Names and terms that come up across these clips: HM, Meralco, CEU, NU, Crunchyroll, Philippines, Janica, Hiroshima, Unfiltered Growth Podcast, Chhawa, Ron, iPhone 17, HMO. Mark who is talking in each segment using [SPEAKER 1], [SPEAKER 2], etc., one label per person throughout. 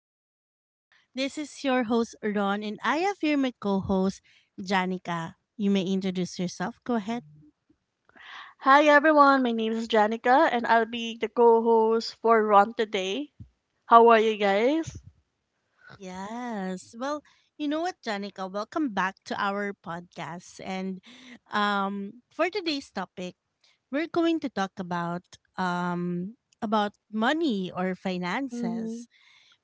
[SPEAKER 1] Podcast. This is your host, Ron, and I have here my co host, Janica. You may introduce yourself. Go ahead.
[SPEAKER 2] Hi everyone, my name is Janica and I'll be the co-host for Ron today. How are you guys?
[SPEAKER 1] Yes. Well, you know what, Janica? Welcome back to our podcast. And For today's topic, we're going to talk about money or
[SPEAKER 2] Mm-hmm.
[SPEAKER 1] finances.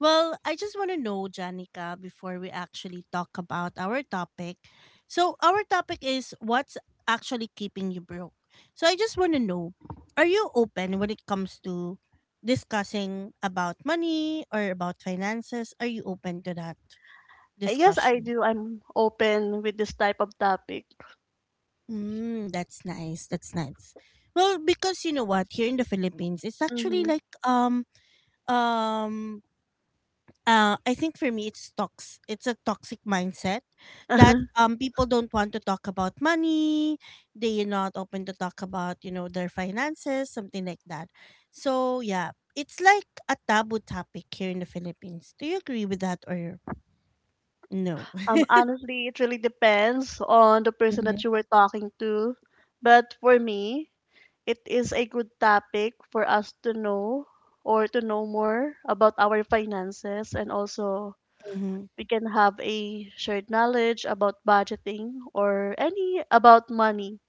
[SPEAKER 1] Well, I just want to know, Janica, before we actually talk about our topic. So, our topic is what's actually keeping you broke. So, I just want to know, are you open when it comes to discussing about money or about finances? Are you open to that
[SPEAKER 2] Yes, I
[SPEAKER 1] discussion?
[SPEAKER 2] do. I'm open with this type of topic.
[SPEAKER 1] Mm, that's nice. That's nice. Well, because you know what, here in the Philippines, it's actually
[SPEAKER 2] Mm-hmm.
[SPEAKER 1] like um I think for me it's tox it's a toxic mindset that people don't want to talk about money, they're not open to talk about, you know, their finances, something like that. So yeah, it's like a taboo topic here in the Philippines. Do you agree with that or no?
[SPEAKER 2] Honestly, it really depends on the person
[SPEAKER 1] Mhm.
[SPEAKER 2] that you were talking to. But for me, it is a good topic for us to know or to know more about our finances, and also
[SPEAKER 1] Mm-hmm.
[SPEAKER 2] we can have a shared knowledge about budgeting or any about money.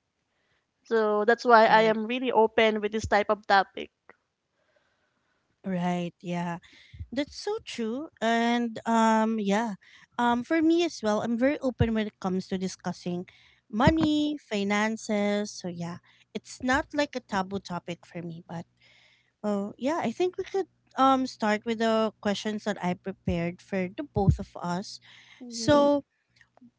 [SPEAKER 2] So that's why I
[SPEAKER 1] Right.
[SPEAKER 2] am really open with this type of topic.
[SPEAKER 1] Right, yeah. That's so true. And for me as well, I'm very open when it comes to discussing money, finances. So yeah, it's not like a taboo topic for me, but well, yeah, I think we could start with the questions that I prepared for the both of us.
[SPEAKER 2] Mhm.
[SPEAKER 1] So,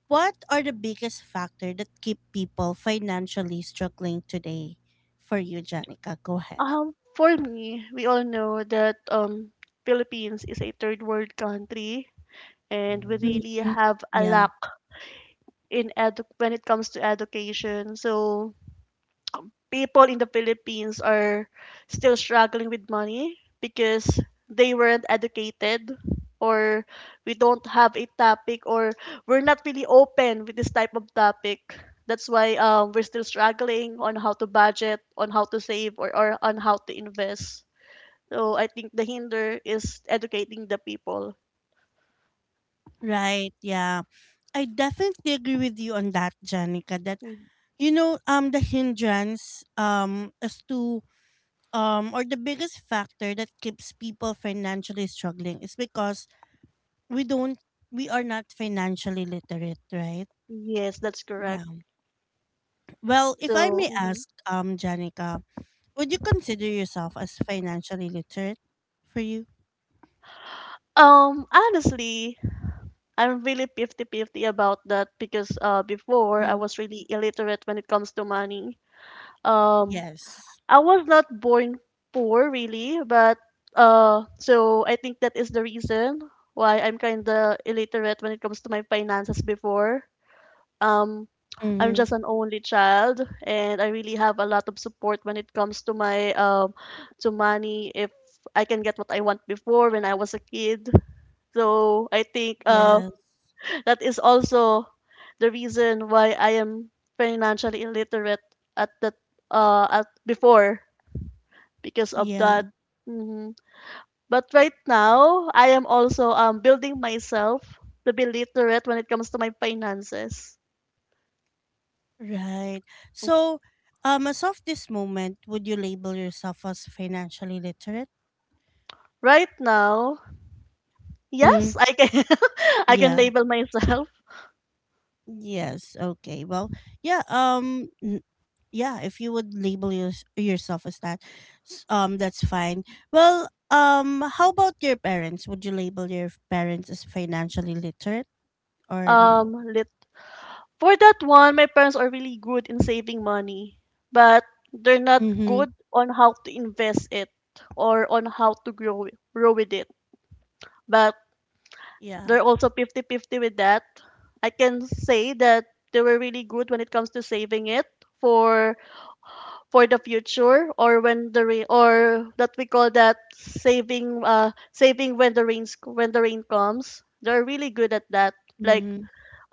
[SPEAKER 1] what are the biggest factor that keep people financially struggling today? For you, Janica, go ahead.
[SPEAKER 2] For me, we all know that Philippines is a third world country, and we really
[SPEAKER 1] Mhm.
[SPEAKER 2] have a
[SPEAKER 1] Yeah.
[SPEAKER 2] lack in when it comes to education. So people in the Philippines are still struggling with money because they weren't educated, or we don't have a topic, or we're not really open with this type of topic. That's why we're still struggling on how to budget, on how to save, or on how to invest. So I think the hinder is educating the people.
[SPEAKER 1] Right. Yeah. I definitely agree with you on that, Janica. That
[SPEAKER 2] Mm.
[SPEAKER 1] you know, um, the hindrance, as to or the biggest factor that keeps people financially struggling is because we don't, we are not financially literate, right?
[SPEAKER 2] Yes, that's correct.
[SPEAKER 1] Yeah. Well, if I
[SPEAKER 2] So,
[SPEAKER 1] may
[SPEAKER 2] mhm.
[SPEAKER 1] ask, Janica, would you consider yourself as financially literate for you?
[SPEAKER 2] Honestly, I'm really 50-50 about that because before I
[SPEAKER 1] Mhm.
[SPEAKER 2] was really illiterate when it comes to money. Um,
[SPEAKER 1] Yes.
[SPEAKER 2] I was not born poor really, but so I think that is the reason why I'm kind of illiterate when it comes to my finances before. Um, I'm
[SPEAKER 1] Mm-hmm.
[SPEAKER 2] just an only child, and I really have a lot of support when it comes to my to money. If I can get what I want before when I was a kid, so I think
[SPEAKER 1] Yes.
[SPEAKER 2] that is also the reason why I am financially illiterate at that at before, because of
[SPEAKER 1] Yeah.
[SPEAKER 2] that. Mhm. But right now, I am also building myself to be literate when it comes to my finances.
[SPEAKER 1] Right. So, as of this moment, would you label yourself as financially literate?
[SPEAKER 2] Right now,
[SPEAKER 1] Mm,
[SPEAKER 2] yes, I can I can
[SPEAKER 1] yeah.
[SPEAKER 2] label myself.
[SPEAKER 1] Yes. Okay. Well, yeah. Yeah. If you would label yourself as that, that's fine. Well, how about your parents? Would you label your parents as financially literate or no?
[SPEAKER 2] um For that one, my parents are really good in saving money, but they're not
[SPEAKER 1] Mm-hmm.
[SPEAKER 2] good on how to invest it or on how to grow with it. But
[SPEAKER 1] Yeah.
[SPEAKER 2] they're also 50-50 with that. I can say that they were really good when it comes to saving it for for the future, or when the rain, or that we call that saving saving when the rain comes. They're really good at that. Like
[SPEAKER 1] Mm-hmm.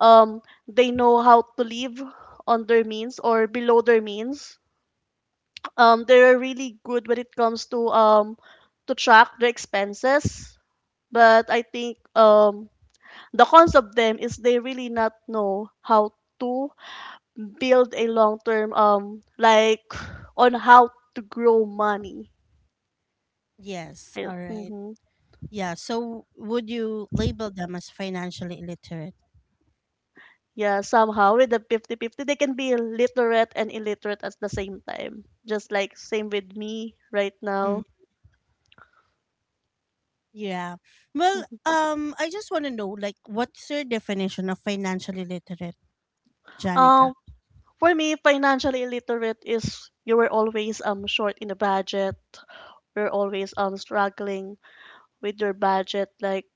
[SPEAKER 2] um they know how to live on their means or below their means. They're really good when it comes to track their expenses, but I think the cons of them is they really not know how to build a long term, like on how to grow money.
[SPEAKER 1] Yes.
[SPEAKER 2] Yeah,
[SPEAKER 1] All right.
[SPEAKER 2] mm-hmm.
[SPEAKER 1] Yeah. So, would you label them as financially illiterate?
[SPEAKER 2] Yeah, somehow with the 50-50, they can be literate and illiterate at the same time, just like same with me right now.
[SPEAKER 1] Yeah. Well, I just want to know, like, what's your definition of financially literate? Janica.
[SPEAKER 2] Um, for me, financially illiterate is you were always short in the budget. You're always struggling with your budget, like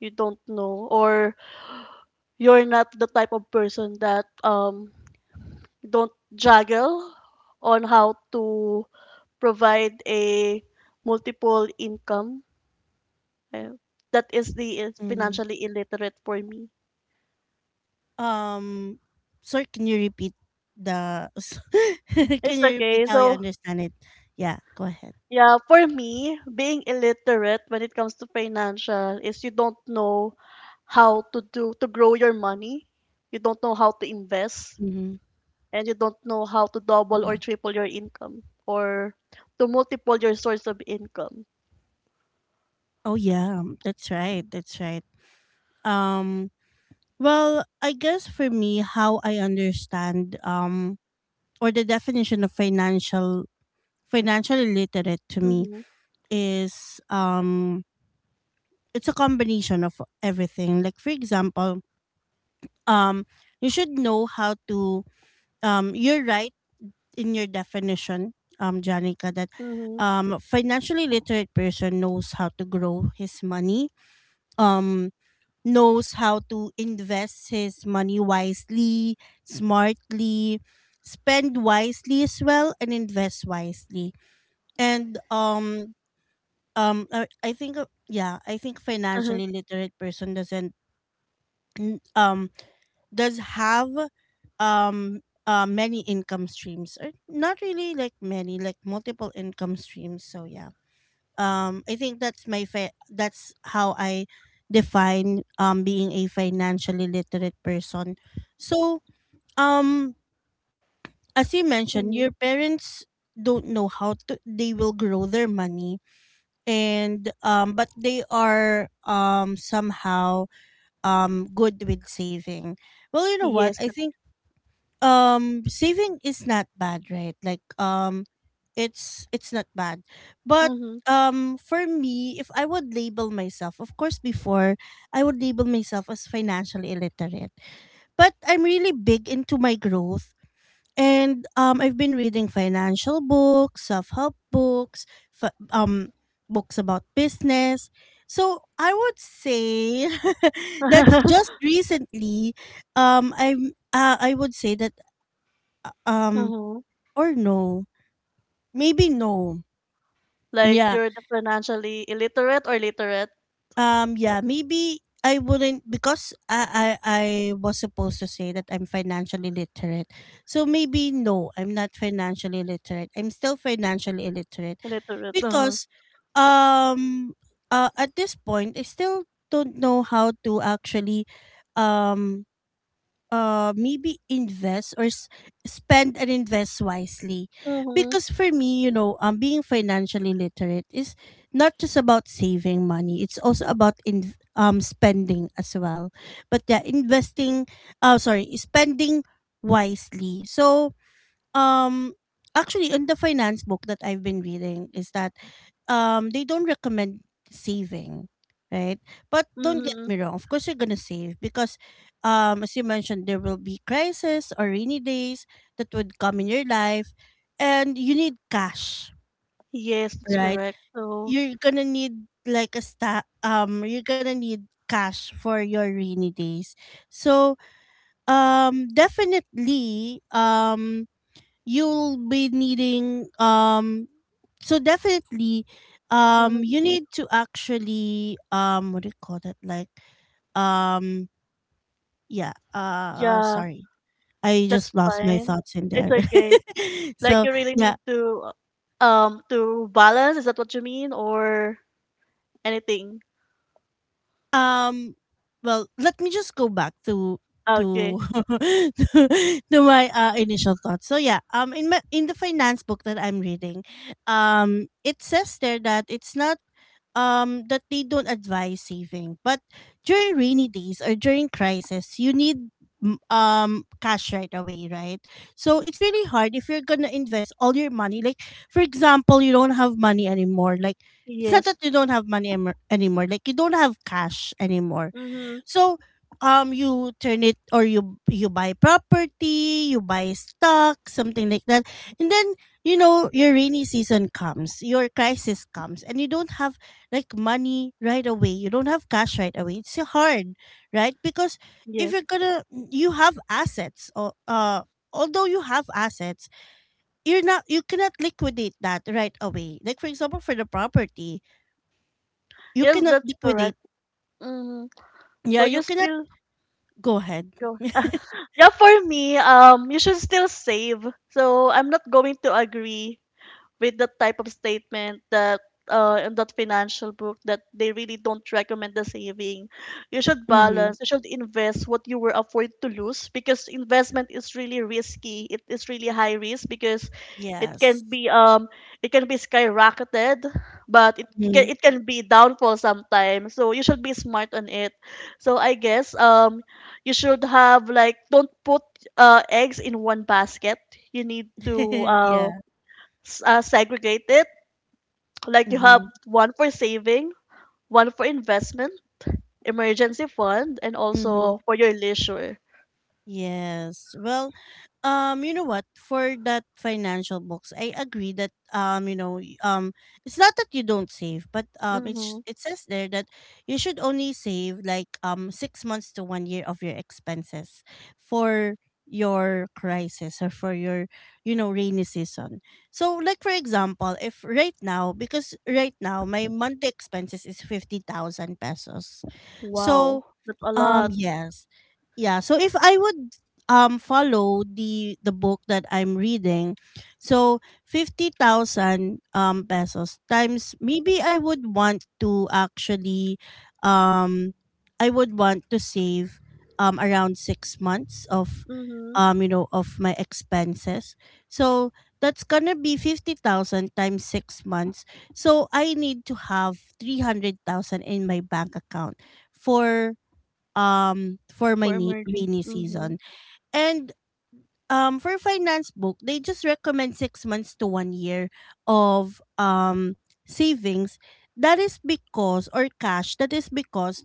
[SPEAKER 2] you don't know, or you're not the type of person that don't juggle on how to provide a multiple income. Uh, That is the is
[SPEAKER 1] Mm.
[SPEAKER 2] financially illiterate for me.
[SPEAKER 1] Um, sorry, can you repeat the?
[SPEAKER 2] It's
[SPEAKER 1] Can you repeat
[SPEAKER 2] okay.
[SPEAKER 1] how you
[SPEAKER 2] So,
[SPEAKER 1] understand it? Yeah, go ahead.
[SPEAKER 2] yeah, for me, being illiterate when it comes to financial is you don't know how to do to grow your money. You don't know how to invest,
[SPEAKER 1] Mm-hmm.
[SPEAKER 2] and you don't know how to double or
[SPEAKER 1] Yeah.
[SPEAKER 2] triple your income, or to multiple your source of income.
[SPEAKER 1] Oh yeah, that's right. That's right. Um well, I guess for me how I understand or the definition of financially literate to me
[SPEAKER 2] Mhm.
[SPEAKER 1] is it's a combination of everything. Like for example, um you should know how to you're right in your definition, Janica, that
[SPEAKER 2] Mhm.
[SPEAKER 1] financially literate person knows how to grow his money, um, knows how to invest his money wisely, smartly, spend wisely as well, and invest wisely. And um, I think I think
[SPEAKER 2] Uh-huh.
[SPEAKER 1] financially literate person doesn't n- does have um many income streams, or not really like many like multiple income streams. So yeah, I think that's how I define being a financially literate person. So, um as you mentioned,
[SPEAKER 2] Mhm.
[SPEAKER 1] your parents don't know how to they will grow their money, and but they are somehow good with saving. Well, you know what,
[SPEAKER 2] Yes.
[SPEAKER 1] I think saving is not bad, right? Like, it's not bad, but
[SPEAKER 2] Mhm.
[SPEAKER 1] for me, if I would label myself, of course before I would label myself as financially illiterate, but I'm really big into my growth, and I've been reading financial books, self-help books, f- um books about business. So I would say that's just recently. I would say that um,
[SPEAKER 2] Mhm.
[SPEAKER 1] or no. Maybe no.
[SPEAKER 2] Like,
[SPEAKER 1] Yeah.
[SPEAKER 2] you're the financially illiterate or literate?
[SPEAKER 1] Yeah, maybe I wouldn't because I was supposed to say that I'm financially literate. So maybe no, I'm not financially literate. I'm still financially illiterate
[SPEAKER 2] Illiterate. Uh-huh.
[SPEAKER 1] because um at this point I still don't know how to actually um maybe invest, spend and invest wisely,
[SPEAKER 2] Mhm.
[SPEAKER 1] because for me, you know, being financially literate is not just about saving money, it's also about in spending as well. But yeah, investing sorry spending wisely. So, um actually in the finance book that I've been reading is that they don't recommend saving, right? But don't get
[SPEAKER 2] Mhm.
[SPEAKER 1] me wrong. Of course, you're gonna save because, as you mentioned, there will be crisis or rainy days that would come in your life, and you need cash,
[SPEAKER 2] Yes, that's
[SPEAKER 1] right?
[SPEAKER 2] correct. So,
[SPEAKER 1] You're gonna need cash for your rainy days. So, definitely, you'll be needing so definitely
[SPEAKER 2] mhm.
[SPEAKER 1] you need to actually what do you call that, like um yeah
[SPEAKER 2] Yeah,
[SPEAKER 1] sorry I
[SPEAKER 2] that's
[SPEAKER 1] just lost my
[SPEAKER 2] fine.
[SPEAKER 1] thoughts in
[SPEAKER 2] It's
[SPEAKER 1] there.
[SPEAKER 2] okay. Like,
[SPEAKER 1] So
[SPEAKER 2] you really
[SPEAKER 1] yeah,
[SPEAKER 2] need to balance, is that what you mean? Or anything?
[SPEAKER 1] um well, let me just go back
[SPEAKER 2] Okay.
[SPEAKER 1] to to my initial thoughts. So yeah, in my in the finance book that I'm reading, it says there that it's not that they don't advise saving, but during rainy days or during crisis, you need cash right away, right? So it's really hard if you're gonna invest all your money. Like for example, you don't have money anymore like it's not that
[SPEAKER 2] Yes.
[SPEAKER 1] you don't have money anymore, like you don't have cash anymore.
[SPEAKER 2] Mm-hmm.
[SPEAKER 1] So, you turn it, or you buy property, you buy stock, something like that, and then, you know, your rainy season comes, your crisis comes, and you don't have like money right away. You don't have cash right away. It's so hard, right? Because if
[SPEAKER 2] Yes.
[SPEAKER 1] you're gonna, you have assets, or although you have assets, you cannot liquidate that right away. Like for example, for the property, you
[SPEAKER 2] Yes,
[SPEAKER 1] cannot
[SPEAKER 2] that's
[SPEAKER 1] liquidate.
[SPEAKER 2] correct. Mm-hmm.
[SPEAKER 1] Yeah,
[SPEAKER 2] So
[SPEAKER 1] you
[SPEAKER 2] you
[SPEAKER 1] cannot.
[SPEAKER 2] still
[SPEAKER 1] Go ahead.
[SPEAKER 2] go. Yeah, for me, you should still save. So I'm not going to agree with that type of statement that in that financial book that they really don't recommend the saving. You should
[SPEAKER 1] Mm-hmm.
[SPEAKER 2] balance, you should invest what you were afford to lose because investment is really risky. It is really high risk because it
[SPEAKER 1] Yes.
[SPEAKER 2] can be um it can be skyrocketed, but it can,
[SPEAKER 1] Mhm.
[SPEAKER 2] it can be downfall sometimes. So you should be smart on it. So I guess you should have like, don't put eggs in one basket. You need to uh
[SPEAKER 1] Yeah.
[SPEAKER 2] segregated. Like you have
[SPEAKER 1] Mhm.
[SPEAKER 2] one for saving, one for investment, emergency fund, and
[SPEAKER 1] Mhm.
[SPEAKER 2] also for your leisure.
[SPEAKER 1] Yes. Well, you know what? For that financial box, I agree that you know, it's not that you don't save, but
[SPEAKER 2] Mm-hmm.
[SPEAKER 1] it says there that you should only save like 6 months to 1 year of your expenses for your crisis or for your, you know, rainy season. So, like for example, if right now, because right now my monthly expenses is 50,000 pesos,
[SPEAKER 2] Wow,
[SPEAKER 1] so
[SPEAKER 2] that's a lot.
[SPEAKER 1] yes. Yeah, so if I would follow the book that I'm reading, so 50,000 pesos times, maybe I would want to actually um I would want to save around 6 months of,
[SPEAKER 2] Mm-hmm.
[SPEAKER 1] you know, of my expenses. So that's going to be 50,000 times 6 months. So I need to have 300,000 in my bank account for, for my
[SPEAKER 2] For emergency.
[SPEAKER 1] rainy
[SPEAKER 2] Mm-hmm.
[SPEAKER 1] season. And for finance book, they just recommend 6 months to 1 year of savings. That is because, or cash, that is because,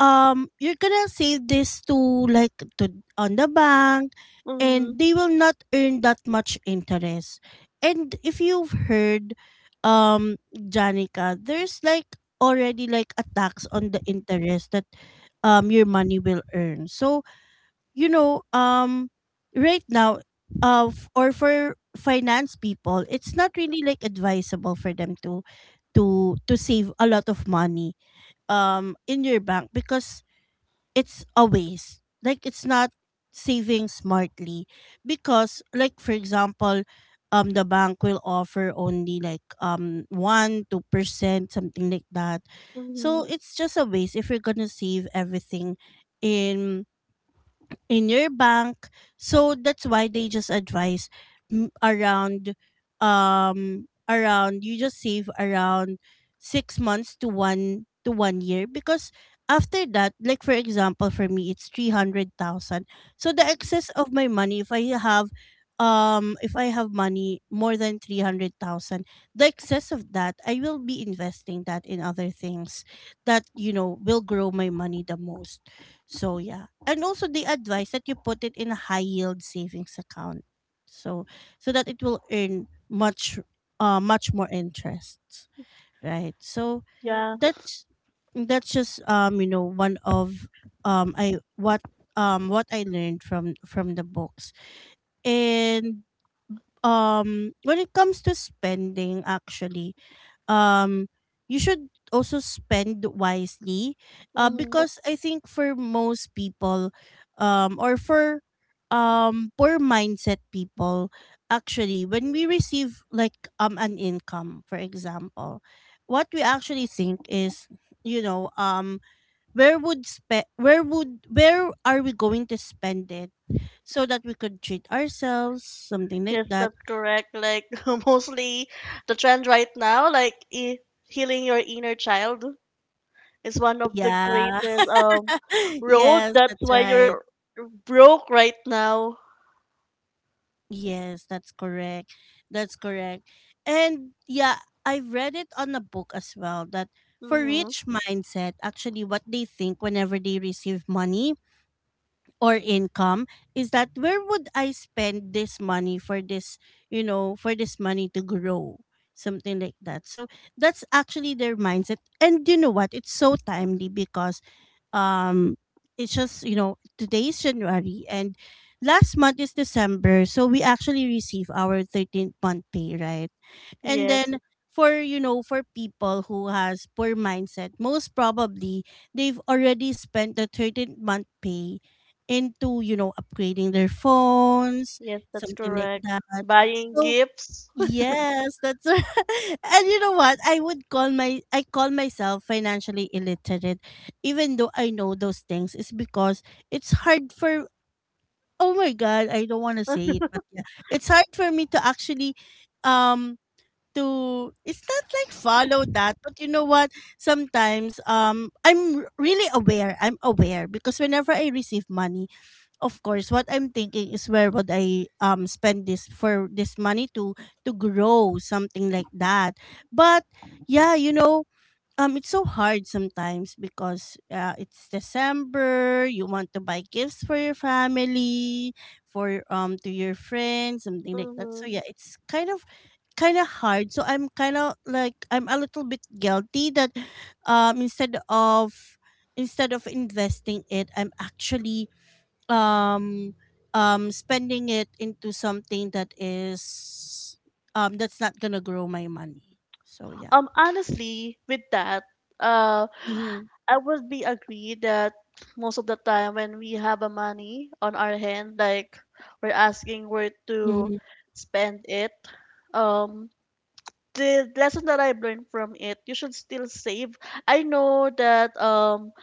[SPEAKER 1] you're gonna save this to like to on the bank,
[SPEAKER 2] Mm-hmm.
[SPEAKER 1] and they will not earn that much interest. And if you've heard, Janica, there's like already like a tax on the interest that your money will earn. So, you know, right now, or for finance people, it's not really like advisable for them to save a lot of money in your bank, because it's a waste. Like it's not saving smartly, because like for example, the bank will offer only like 1 2% something like that.
[SPEAKER 2] Mm-hmm.
[SPEAKER 1] So it's just a waste if you're going to save everything in in your bank. So that's why they just advise mm, around, you just save around 6 months to 1 year, because after that, like for example for me, it's 300,000. So the excess of my money, if I have money more than 300,000, the excess of that I will be investing that in other things that, you know, will grow my money the most. So yeah, and also they advise that you put it in a high yield savings account, so so that it will earn much much more interest, right? So
[SPEAKER 2] Yeah.
[SPEAKER 1] that's just you know, one of I what I learned from the books. And when it comes to spending, actually, um you should also spend wisely,
[SPEAKER 2] Mm-hmm.
[SPEAKER 1] because I think for most people, or for poor mindset people, actually, when we receive like an income, for example, what we actually think is, you know, where would spe- where would where are we going to spend it, so that we could treat ourselves, something like
[SPEAKER 2] Yes,
[SPEAKER 1] that.
[SPEAKER 2] that's correct. Like mostly the trend right now, like healing your inner child is one of the
[SPEAKER 1] Yeah.
[SPEAKER 2] greatest road.
[SPEAKER 1] Yes,
[SPEAKER 2] That's
[SPEAKER 1] that's
[SPEAKER 2] why
[SPEAKER 1] right.
[SPEAKER 2] you're broke right now.
[SPEAKER 1] Yes, that's correct. That's correct. And yeah, I've read it on a book as well that for
[SPEAKER 2] Mm-hmm.
[SPEAKER 1] rich mindset, actually what they think whenever they receive money or income is that where would I spend this money for this, for this money to grow? Something like that. So that's actually their mindset. And you know what? It's so timely because um it's just today's January, and last month is December, so we actually receive our 13th month pay, right? And
[SPEAKER 2] Yes.
[SPEAKER 1] then for you know for people who has poor mindset, most probably they've already spent the 13th month pay into upgrading their phones,
[SPEAKER 2] Yes, that's
[SPEAKER 1] something like
[SPEAKER 2] correct.
[SPEAKER 1] that.
[SPEAKER 2] Buying
[SPEAKER 1] So
[SPEAKER 2] gifts.
[SPEAKER 1] yes, that's right. And you know what? I would call my I call myself financially illiterate, even though I know those things. It's because it's hard for oh my god, I don't want to say it, but yeah, it's hard for me to actually, um, to it's not like follow that, but you know what? Sometimes really aware. I'm aware because whenever I receive money, of course what I'm thinking is where would I spend this for this money to grow, something like that. But yeah, it's so hard sometimes because it's December, you want to buy gifts for your family, for to your friends, something like that. So
[SPEAKER 2] Hmm.
[SPEAKER 1] yeah, it's kind of hard. So I'm kind of like I'm a little bit guilty that um instead of instead of investing it I'm actually, um spending it into something that's not gonna grow my money. So yeah.
[SPEAKER 2] Honestly, with that, uh,
[SPEAKER 1] Mm-hmm.
[SPEAKER 2] I would be agree that most of the time when we have a money on our hand, like we're asking where to
[SPEAKER 1] Mm-hmm.
[SPEAKER 2] spend it. Um, the lesson that I've learned from it, you should still save. I know that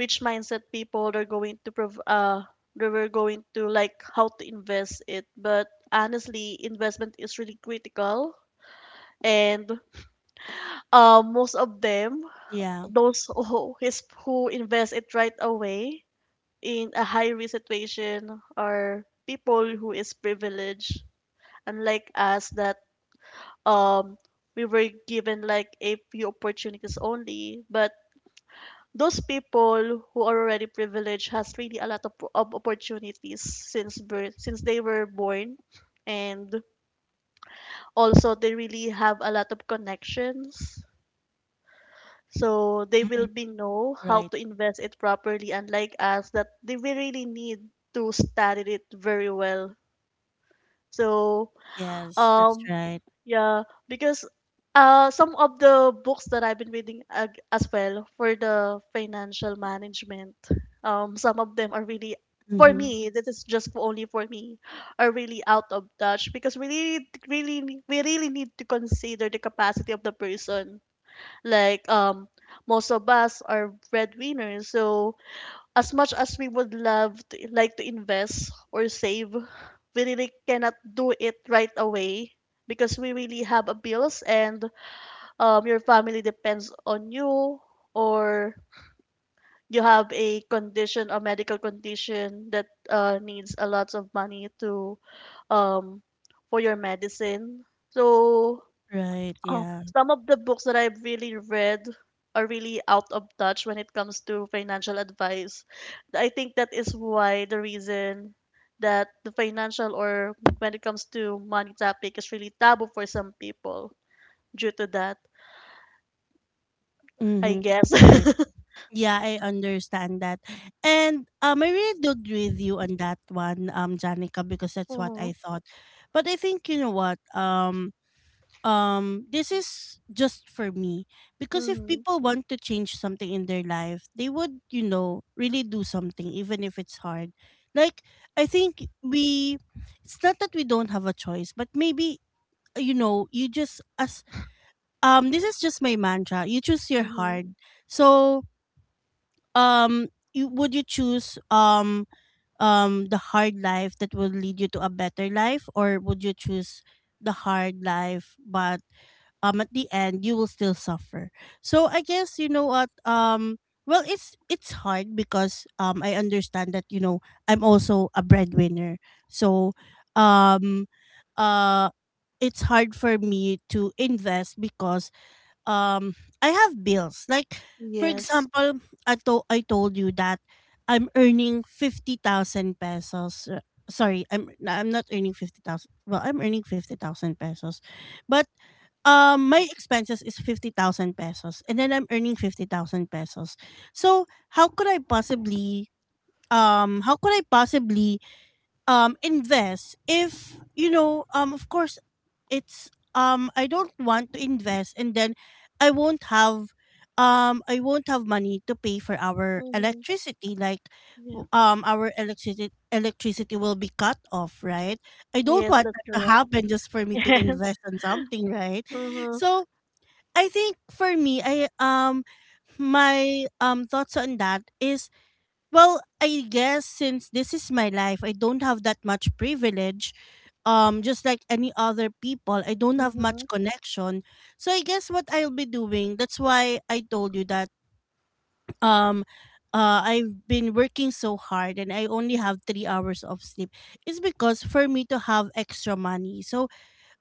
[SPEAKER 2] rich mindset people, they're going to they were going to like how to invest it, but honestly investment is really critical, and most of them,
[SPEAKER 1] Yeah.
[SPEAKER 2] those who invest it right away in a high risk situation are people who is privileged, unlike us that um we were given like a few opportunities only. But those people who are already privileged has really a lot of opportunities since birth, since they were born. And also they really have a lot of connections, so they will
[SPEAKER 1] Hmm.
[SPEAKER 2] be know how
[SPEAKER 1] Right.
[SPEAKER 2] to invest it properly, unlike us that they will really need to study it very well. So
[SPEAKER 1] Yes, that's
[SPEAKER 2] um
[SPEAKER 1] right.
[SPEAKER 2] yeah, because some of the books that I've been reading as well for the financial management, some of them are really, for
[SPEAKER 1] Mm-hmm.
[SPEAKER 2] me, this is just for only for me, are really out of touch because we really we really need to consider the capacity of the person. Like most of us are breadwinners, so as much as we would love to, like to invest or save, we really cannot do it right away because we really have a bills, and your family depends on you, or you have a condition, a medical condition that needs a lot of money to um, for your medicine. So,
[SPEAKER 1] Right.
[SPEAKER 2] oh,
[SPEAKER 1] Yeah.
[SPEAKER 2] some of the books that I've really read are really out of touch when it comes to financial advice. I think that is why the reason that the financial, or when it comes to money topic is really taboo for some people, due to that, I
[SPEAKER 1] Mm-hmm.
[SPEAKER 2] guess.
[SPEAKER 1] Right, yeah, I understand that. And I really do agree with you on that one, Janica, because that's what
[SPEAKER 2] Mm-hmm.
[SPEAKER 1] I thought. But I think, you know what, this is just for me, because if
[SPEAKER 2] Mm-hmm.
[SPEAKER 1] people want to change something in their life, they would really do something even if it's hard. Like I think we it's not that we don't have a choice, but maybe, you know you just as this is just my mantra: you choose your
[SPEAKER 2] Mm-hmm.
[SPEAKER 1] hard. So, um would you choose the hard life that will lead you to a better life, or would you choose the hard life but at the end you will still suffer? So I guess, you know what, well, it's hard because I understand that, I'm also a breadwinner. So, um uh it's hard for me to invest because um I have bills. Like for
[SPEAKER 2] Yes.
[SPEAKER 1] example, I told you that I'm earning 50,000 pesos. Sorry, I'm not earning 50,000. Well, I'm earning 50,000 pesos. But my expenses is 50,000 pesos, and then I'm earning 50,000 pesos. So, how could I possibly how could I possibly invest if, of course, it's I don't want to invest and then I won't have I won't have money to pay for our
[SPEAKER 2] Mm-hmm.
[SPEAKER 1] electricity. Like,
[SPEAKER 2] Yeah.
[SPEAKER 1] our electricity will be cut off, right? I don't
[SPEAKER 2] Yes,
[SPEAKER 1] want
[SPEAKER 2] that's
[SPEAKER 1] that to
[SPEAKER 2] correct.
[SPEAKER 1] happen just for me to
[SPEAKER 2] Yes.
[SPEAKER 1] invest on something, right?
[SPEAKER 2] Mm-hmm.
[SPEAKER 1] So I think for me, I my thoughts on that is, well, I guess since this is my life, I don't have that much privilege. Just like any other people, I don't have
[SPEAKER 2] Mm-hmm.
[SPEAKER 1] much connection. So I guess what I'll be doing, that's why I told you that, um I've been working so hard and I only have 3 hours of sleep. It's because for me to have extra money. So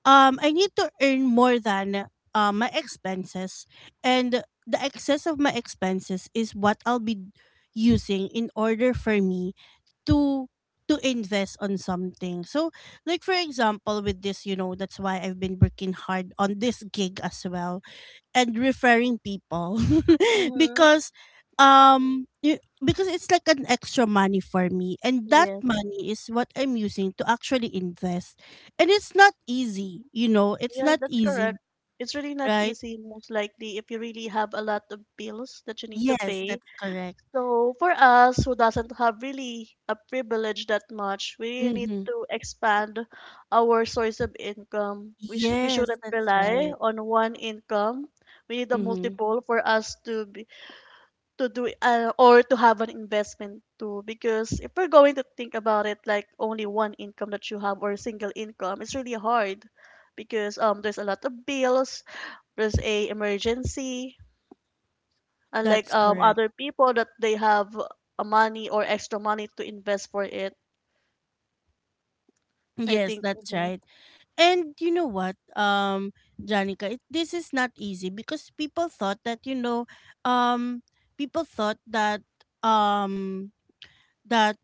[SPEAKER 1] I need to earn more than, my expenses, and the excess of my expenses is what I'll be using in order for me to to invest on something. So, like for example, with this, that's why I've been working hard on this gig as well and referring people,
[SPEAKER 2] Mm-hmm.
[SPEAKER 1] because um y- because it's like an extra money for me, and that money is what I'm using to actually invest. And it's not easy, it's
[SPEAKER 2] Yes,
[SPEAKER 1] not
[SPEAKER 2] that's
[SPEAKER 1] easy,
[SPEAKER 2] correct. It's really not
[SPEAKER 1] right?
[SPEAKER 2] easy, most likely, if you really have a lot of bills that you need to
[SPEAKER 1] Yes,
[SPEAKER 2] pay.
[SPEAKER 1] that's correct.
[SPEAKER 2] So for us who doesn't have really a privilege that much, we need
[SPEAKER 1] Mhm.
[SPEAKER 2] to expand our source of income. We
[SPEAKER 1] Yes,
[SPEAKER 2] shouldn't
[SPEAKER 1] that's
[SPEAKER 2] rely
[SPEAKER 1] right.
[SPEAKER 2] on one income. We need a
[SPEAKER 1] Mhm.
[SPEAKER 2] multiple for us to be to do or to have an investment too, because if we're going to think about it like only one income that you have, or single income, it's really hard because there's a lot of bills, there's a emergency, unlike
[SPEAKER 1] That's correct.
[SPEAKER 2] other people that they have a money or extra money to invest for it. I
[SPEAKER 1] Yes,
[SPEAKER 2] think
[SPEAKER 1] that's
[SPEAKER 2] mhm,
[SPEAKER 1] right. And you know what, Janica, this is not easy because people thought that, um, people thought um that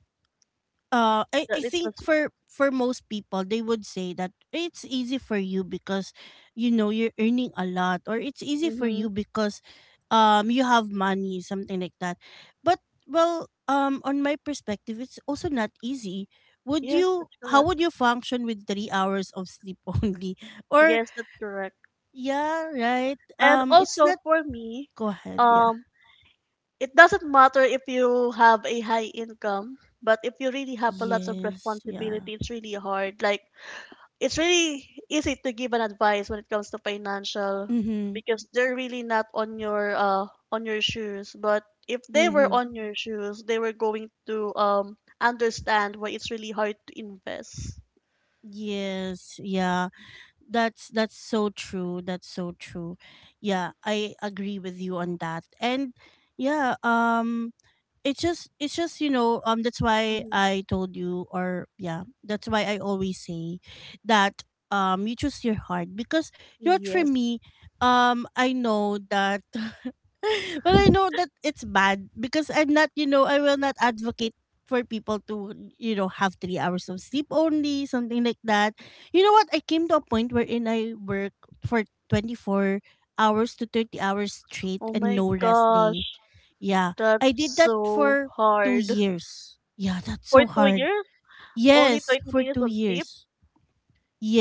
[SPEAKER 1] uh I
[SPEAKER 2] that it
[SPEAKER 1] think
[SPEAKER 2] was
[SPEAKER 1] for most people, they would say that it's easy for you because, you're earning a lot, or it's easy for
[SPEAKER 2] mhm.
[SPEAKER 1] you because you have money, something like that. But well, on my perspective, it's also not easy. would
[SPEAKER 2] Yes,
[SPEAKER 1] you
[SPEAKER 2] that's
[SPEAKER 1] how
[SPEAKER 2] correct.
[SPEAKER 1] would you function with 3 hours of sleep only? Or,
[SPEAKER 2] Yes, that's correct.
[SPEAKER 1] yeah, right,
[SPEAKER 2] And
[SPEAKER 1] it's
[SPEAKER 2] also
[SPEAKER 1] not
[SPEAKER 2] for me,
[SPEAKER 1] go ahead. Yeah.
[SPEAKER 2] um it doesn't matter if you have a high income, but if you really have a lot of
[SPEAKER 1] Yes, yeah.
[SPEAKER 2] responsibility, it's really hard. Like, it's really easy to give an advice when it comes to financial
[SPEAKER 1] Mhm.
[SPEAKER 2] because they're really not on your on your shoes. But if they were
[SPEAKER 1] Mhm.
[SPEAKER 2] on your shoes, they were going to understand why it's really hard to invest.
[SPEAKER 1] Yes, yeah. That's so true. That's so true. Yeah, I agree with you on that. And yeah, it's just, that's why
[SPEAKER 2] Mhm.
[SPEAKER 1] I told you, or yeah, that's why I always say that, you choose your heart because, you know what, for
[SPEAKER 2] Yes.
[SPEAKER 1] me, I know that, well, I know that it's bad because I will not advocate for people to have 3 hours of sleep only, something like that. You know what, I came to a point wherein I work for 24 hours to 30 hours straight
[SPEAKER 2] Oh
[SPEAKER 1] and
[SPEAKER 2] my
[SPEAKER 1] no rest day.
[SPEAKER 2] gosh,
[SPEAKER 1] Yeah,
[SPEAKER 2] that's
[SPEAKER 1] I did that
[SPEAKER 2] so
[SPEAKER 1] for two
[SPEAKER 2] hard.
[SPEAKER 1] years. Yeah, that's
[SPEAKER 2] For
[SPEAKER 1] so
[SPEAKER 2] two
[SPEAKER 1] hard.
[SPEAKER 2] years, only
[SPEAKER 1] Yes,
[SPEAKER 2] 30
[SPEAKER 1] for
[SPEAKER 2] minutes
[SPEAKER 1] two
[SPEAKER 2] of sleep.
[SPEAKER 1] years.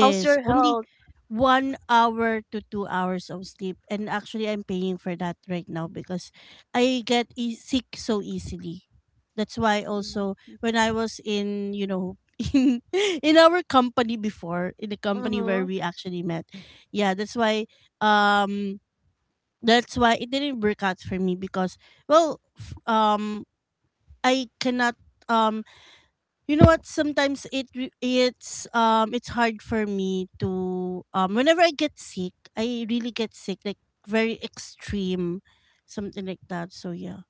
[SPEAKER 2] How's your
[SPEAKER 1] only
[SPEAKER 2] health?
[SPEAKER 1] 1 hour to 2 hours of sleep. And actually, I'm paying for that right now because I get sick so easily. That's why also when I was in, in in our company before, in the company where
[SPEAKER 2] Mm-hmm.
[SPEAKER 1] we actually met, yeah, that's um why it didn't work out for me because, well, I cannot. um you know what, sometimes it re- it's hard for me to, whenever I get sick, I really get sick, like very extreme, something like that. So yeah,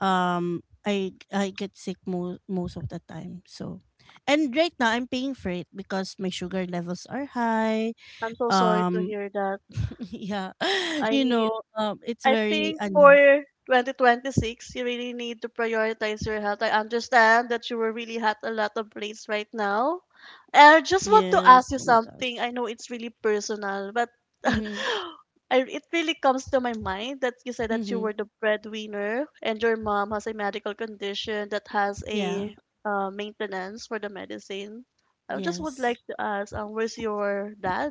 [SPEAKER 1] I get sick most of the time. So, and right now I'm paying for it because my sugar levels are high.
[SPEAKER 2] I'm so sorry to
[SPEAKER 1] um
[SPEAKER 2] hear that.
[SPEAKER 1] yeah,
[SPEAKER 2] I
[SPEAKER 1] you know
[SPEAKER 2] need,
[SPEAKER 1] it's
[SPEAKER 2] I
[SPEAKER 1] very
[SPEAKER 2] think
[SPEAKER 1] unhealthy.
[SPEAKER 2] for 2026, you really need to prioritize your health. I understand that you were really at a lot of place right now. And I just want to
[SPEAKER 1] Yes,
[SPEAKER 2] ask you
[SPEAKER 1] oh my
[SPEAKER 2] something.
[SPEAKER 1] gosh.
[SPEAKER 2] I know it's really personal, but
[SPEAKER 1] Mhm.
[SPEAKER 2] I, it really comes to my mind that you said that you
[SPEAKER 1] Mhm.
[SPEAKER 2] were the breadwinner and your mom has a medical condition that has
[SPEAKER 1] Yeah.
[SPEAKER 2] a maintenance for the medicine. I just would like
[SPEAKER 1] Yes.
[SPEAKER 2] to ask, where's your dad?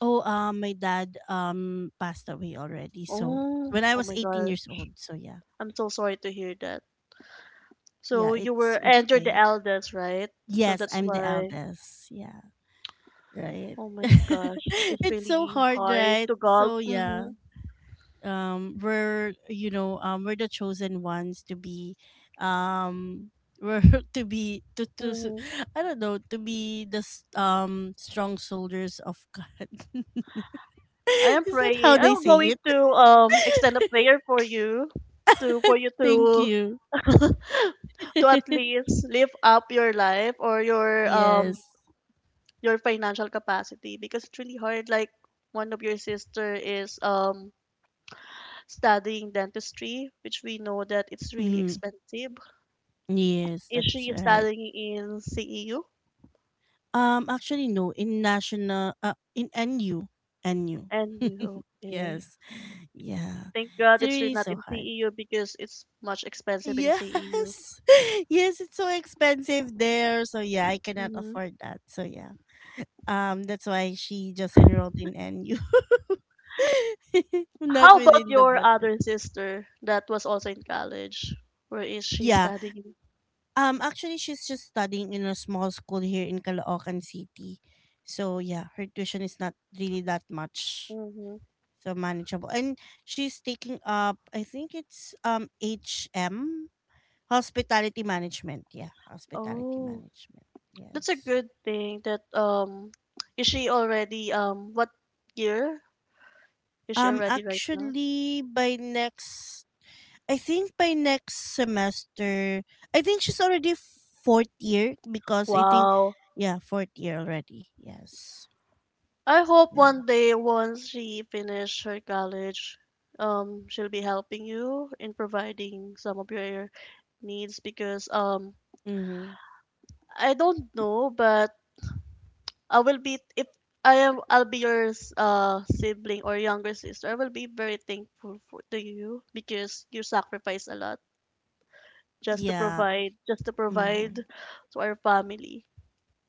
[SPEAKER 1] Oh, my dad passed away already. So
[SPEAKER 2] Oh,
[SPEAKER 1] when I
[SPEAKER 2] oh
[SPEAKER 1] was
[SPEAKER 2] my
[SPEAKER 1] 18
[SPEAKER 2] God.
[SPEAKER 1] years old. So yeah,
[SPEAKER 2] I'm so sorry to hear that.
[SPEAKER 1] yeah,
[SPEAKER 2] So you were,
[SPEAKER 1] it's
[SPEAKER 2] and you're the
[SPEAKER 1] okay.
[SPEAKER 2] eldest, right? So
[SPEAKER 1] Yes,
[SPEAKER 2] that's
[SPEAKER 1] I'm the
[SPEAKER 2] why.
[SPEAKER 1] eldest. Yeah, right.
[SPEAKER 2] Oh my gosh, it's
[SPEAKER 1] It's so
[SPEAKER 2] really
[SPEAKER 1] hard,
[SPEAKER 2] hard
[SPEAKER 1] right?
[SPEAKER 2] to gulp.
[SPEAKER 1] So yeah,
[SPEAKER 2] Mm-hmm.
[SPEAKER 1] we're you know we're the chosen ones to be, um, we're to be
[SPEAKER 2] Mm-hmm.
[SPEAKER 1] I don't know, to be the strong soldiers of God.
[SPEAKER 2] I am
[SPEAKER 1] Is that
[SPEAKER 2] praying.
[SPEAKER 1] how they
[SPEAKER 2] I'm
[SPEAKER 1] say
[SPEAKER 2] going
[SPEAKER 1] it?
[SPEAKER 2] to extend a prayer for you
[SPEAKER 1] Thank
[SPEAKER 2] to
[SPEAKER 1] you.
[SPEAKER 2] to at least live up your life or
[SPEAKER 1] Yes.
[SPEAKER 2] your financial capacity because it's really hard. Like one of your sister is studying dentistry, which we know that it's really
[SPEAKER 1] Mm,
[SPEAKER 2] expensive.
[SPEAKER 1] yes,
[SPEAKER 2] Is
[SPEAKER 1] that's
[SPEAKER 2] she
[SPEAKER 1] right.
[SPEAKER 2] studying in CEU?
[SPEAKER 1] Actually, no, in NU.
[SPEAKER 2] And you, okay.
[SPEAKER 1] Yes, yeah.
[SPEAKER 2] Thank
[SPEAKER 1] It's
[SPEAKER 2] God it's really
[SPEAKER 1] really
[SPEAKER 2] not
[SPEAKER 1] so
[SPEAKER 2] in
[SPEAKER 1] hard.
[SPEAKER 2] CEU because it's much expensive in CEU.
[SPEAKER 1] Yes, yes, it's so expensive there. So yeah, I cannot
[SPEAKER 2] hmm
[SPEAKER 1] afford that. So yeah, that's why she just enrolled in NU. Not
[SPEAKER 2] How about
[SPEAKER 1] within the
[SPEAKER 2] your
[SPEAKER 1] budget.
[SPEAKER 2] other sister that was also in college? Where is she
[SPEAKER 1] Yeah.
[SPEAKER 2] studying?
[SPEAKER 1] Actually, she's just studying in a small school here in Caloocan City. So yeah, her tuition is not really that much.
[SPEAKER 2] Mm-hmm.
[SPEAKER 1] So, manageable. And she's taking up, I think it's HM, Hospitality Management. Yeah, Hospitality
[SPEAKER 2] Oh,
[SPEAKER 1] Management.
[SPEAKER 2] that's a
[SPEAKER 1] Yes.
[SPEAKER 2] good thing that is she already what year is she already right now?
[SPEAKER 1] Actually, I think by next semester, I think she's already fourth year because I think,
[SPEAKER 2] Wow.
[SPEAKER 1] yeah, fourth year already. Yes.
[SPEAKER 2] I hope
[SPEAKER 1] Yeah.
[SPEAKER 2] one day once she finish her college, she'll be helping you in providing some of your needs because
[SPEAKER 1] Mm-hmm.
[SPEAKER 2] I don't know, but I will be if I'll be your sibling or younger sister. I will be very thankful for to you because you sacrifice a lot
[SPEAKER 1] Yeah.
[SPEAKER 2] just to provide
[SPEAKER 1] Hmm.
[SPEAKER 2] to our family.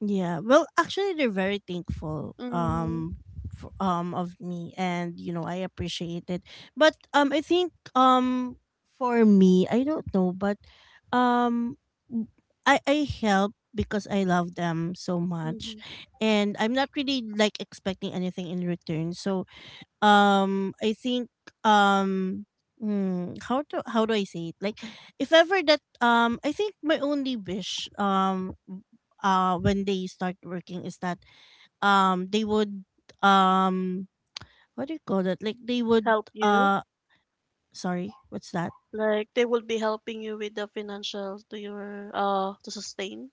[SPEAKER 1] Yeah. Well, actually, they're very thankful
[SPEAKER 2] Mhm.
[SPEAKER 1] for, of me, and you know I appreciate it. But I think for me, I don't know, but um, w- I help because I love them so
[SPEAKER 2] Mhm.
[SPEAKER 1] much, and I'm not really like expecting anything in return. So I think, um hmm, how do I say it? Like if ever that, I think my only wish, when they start working, is that they would um what do you call that? Like they would
[SPEAKER 2] Help you.
[SPEAKER 1] uh sorry, what's that?
[SPEAKER 2] Like they will be helping you with the financial to your to sustain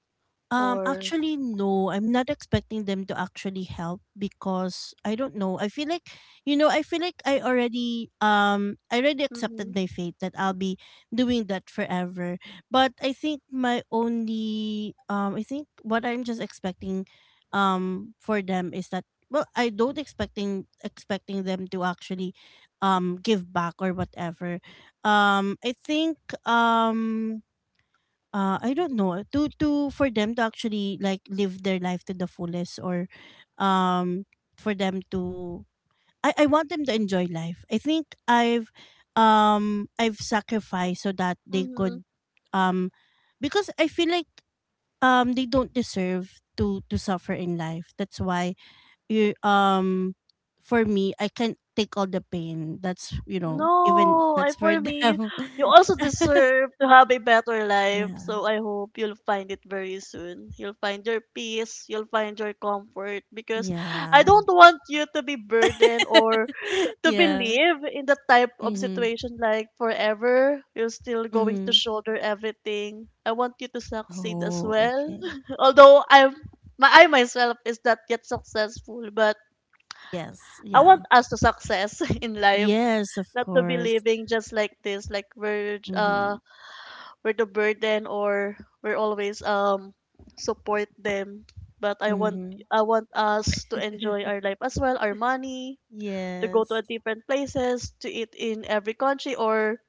[SPEAKER 2] or
[SPEAKER 1] Actually, no. I'm not expecting them to actually help because I don't know. I feel like, I feel like I already
[SPEAKER 2] mm-hmm,
[SPEAKER 1] accepted my fate that I'll be doing that forever. But I think I think what I'm just expecting, for them is that, well, I don't expecting them to actually, give back or whatever. I think, um I don't know, to for them to actually like live their life to the fullest, or um for them to I want them to enjoy life. I think I've sacrificed so that they
[SPEAKER 2] mm-hmm.
[SPEAKER 1] could, um because I feel like they don't deserve to suffer in life. That's why, you for me, I can't take all the pain. That's you know even
[SPEAKER 2] No, I
[SPEAKER 1] that's for
[SPEAKER 2] for me,
[SPEAKER 1] them.
[SPEAKER 2] you also deserve to have a better life.
[SPEAKER 1] Yeah.
[SPEAKER 2] So I hope you'll find it very soon. You'll find your peace, you'll find your comfort because I
[SPEAKER 1] Yeah.
[SPEAKER 2] don't want you to be burdened or to
[SPEAKER 1] Yeah.
[SPEAKER 2] believe in the type of
[SPEAKER 1] Mhm.
[SPEAKER 2] situation like forever you're still going to
[SPEAKER 1] Mhm.
[SPEAKER 2] shoulder everything. I want you to succeed as
[SPEAKER 1] Oh,
[SPEAKER 2] well.
[SPEAKER 1] okay.
[SPEAKER 2] although I'm my I myself is not yet successful, but
[SPEAKER 1] Yes.
[SPEAKER 2] I
[SPEAKER 1] Yeah.
[SPEAKER 2] want us to success in life,
[SPEAKER 1] Yes, of
[SPEAKER 2] not to be
[SPEAKER 1] course.
[SPEAKER 2] living just like this, like we're
[SPEAKER 1] Mhm.
[SPEAKER 2] we're the burden or we're always support them, but
[SPEAKER 1] Mhm.
[SPEAKER 2] I want us to enjoy our life as well, our money, to go to
[SPEAKER 1] Yes.
[SPEAKER 2] a different places, to eat in every country, or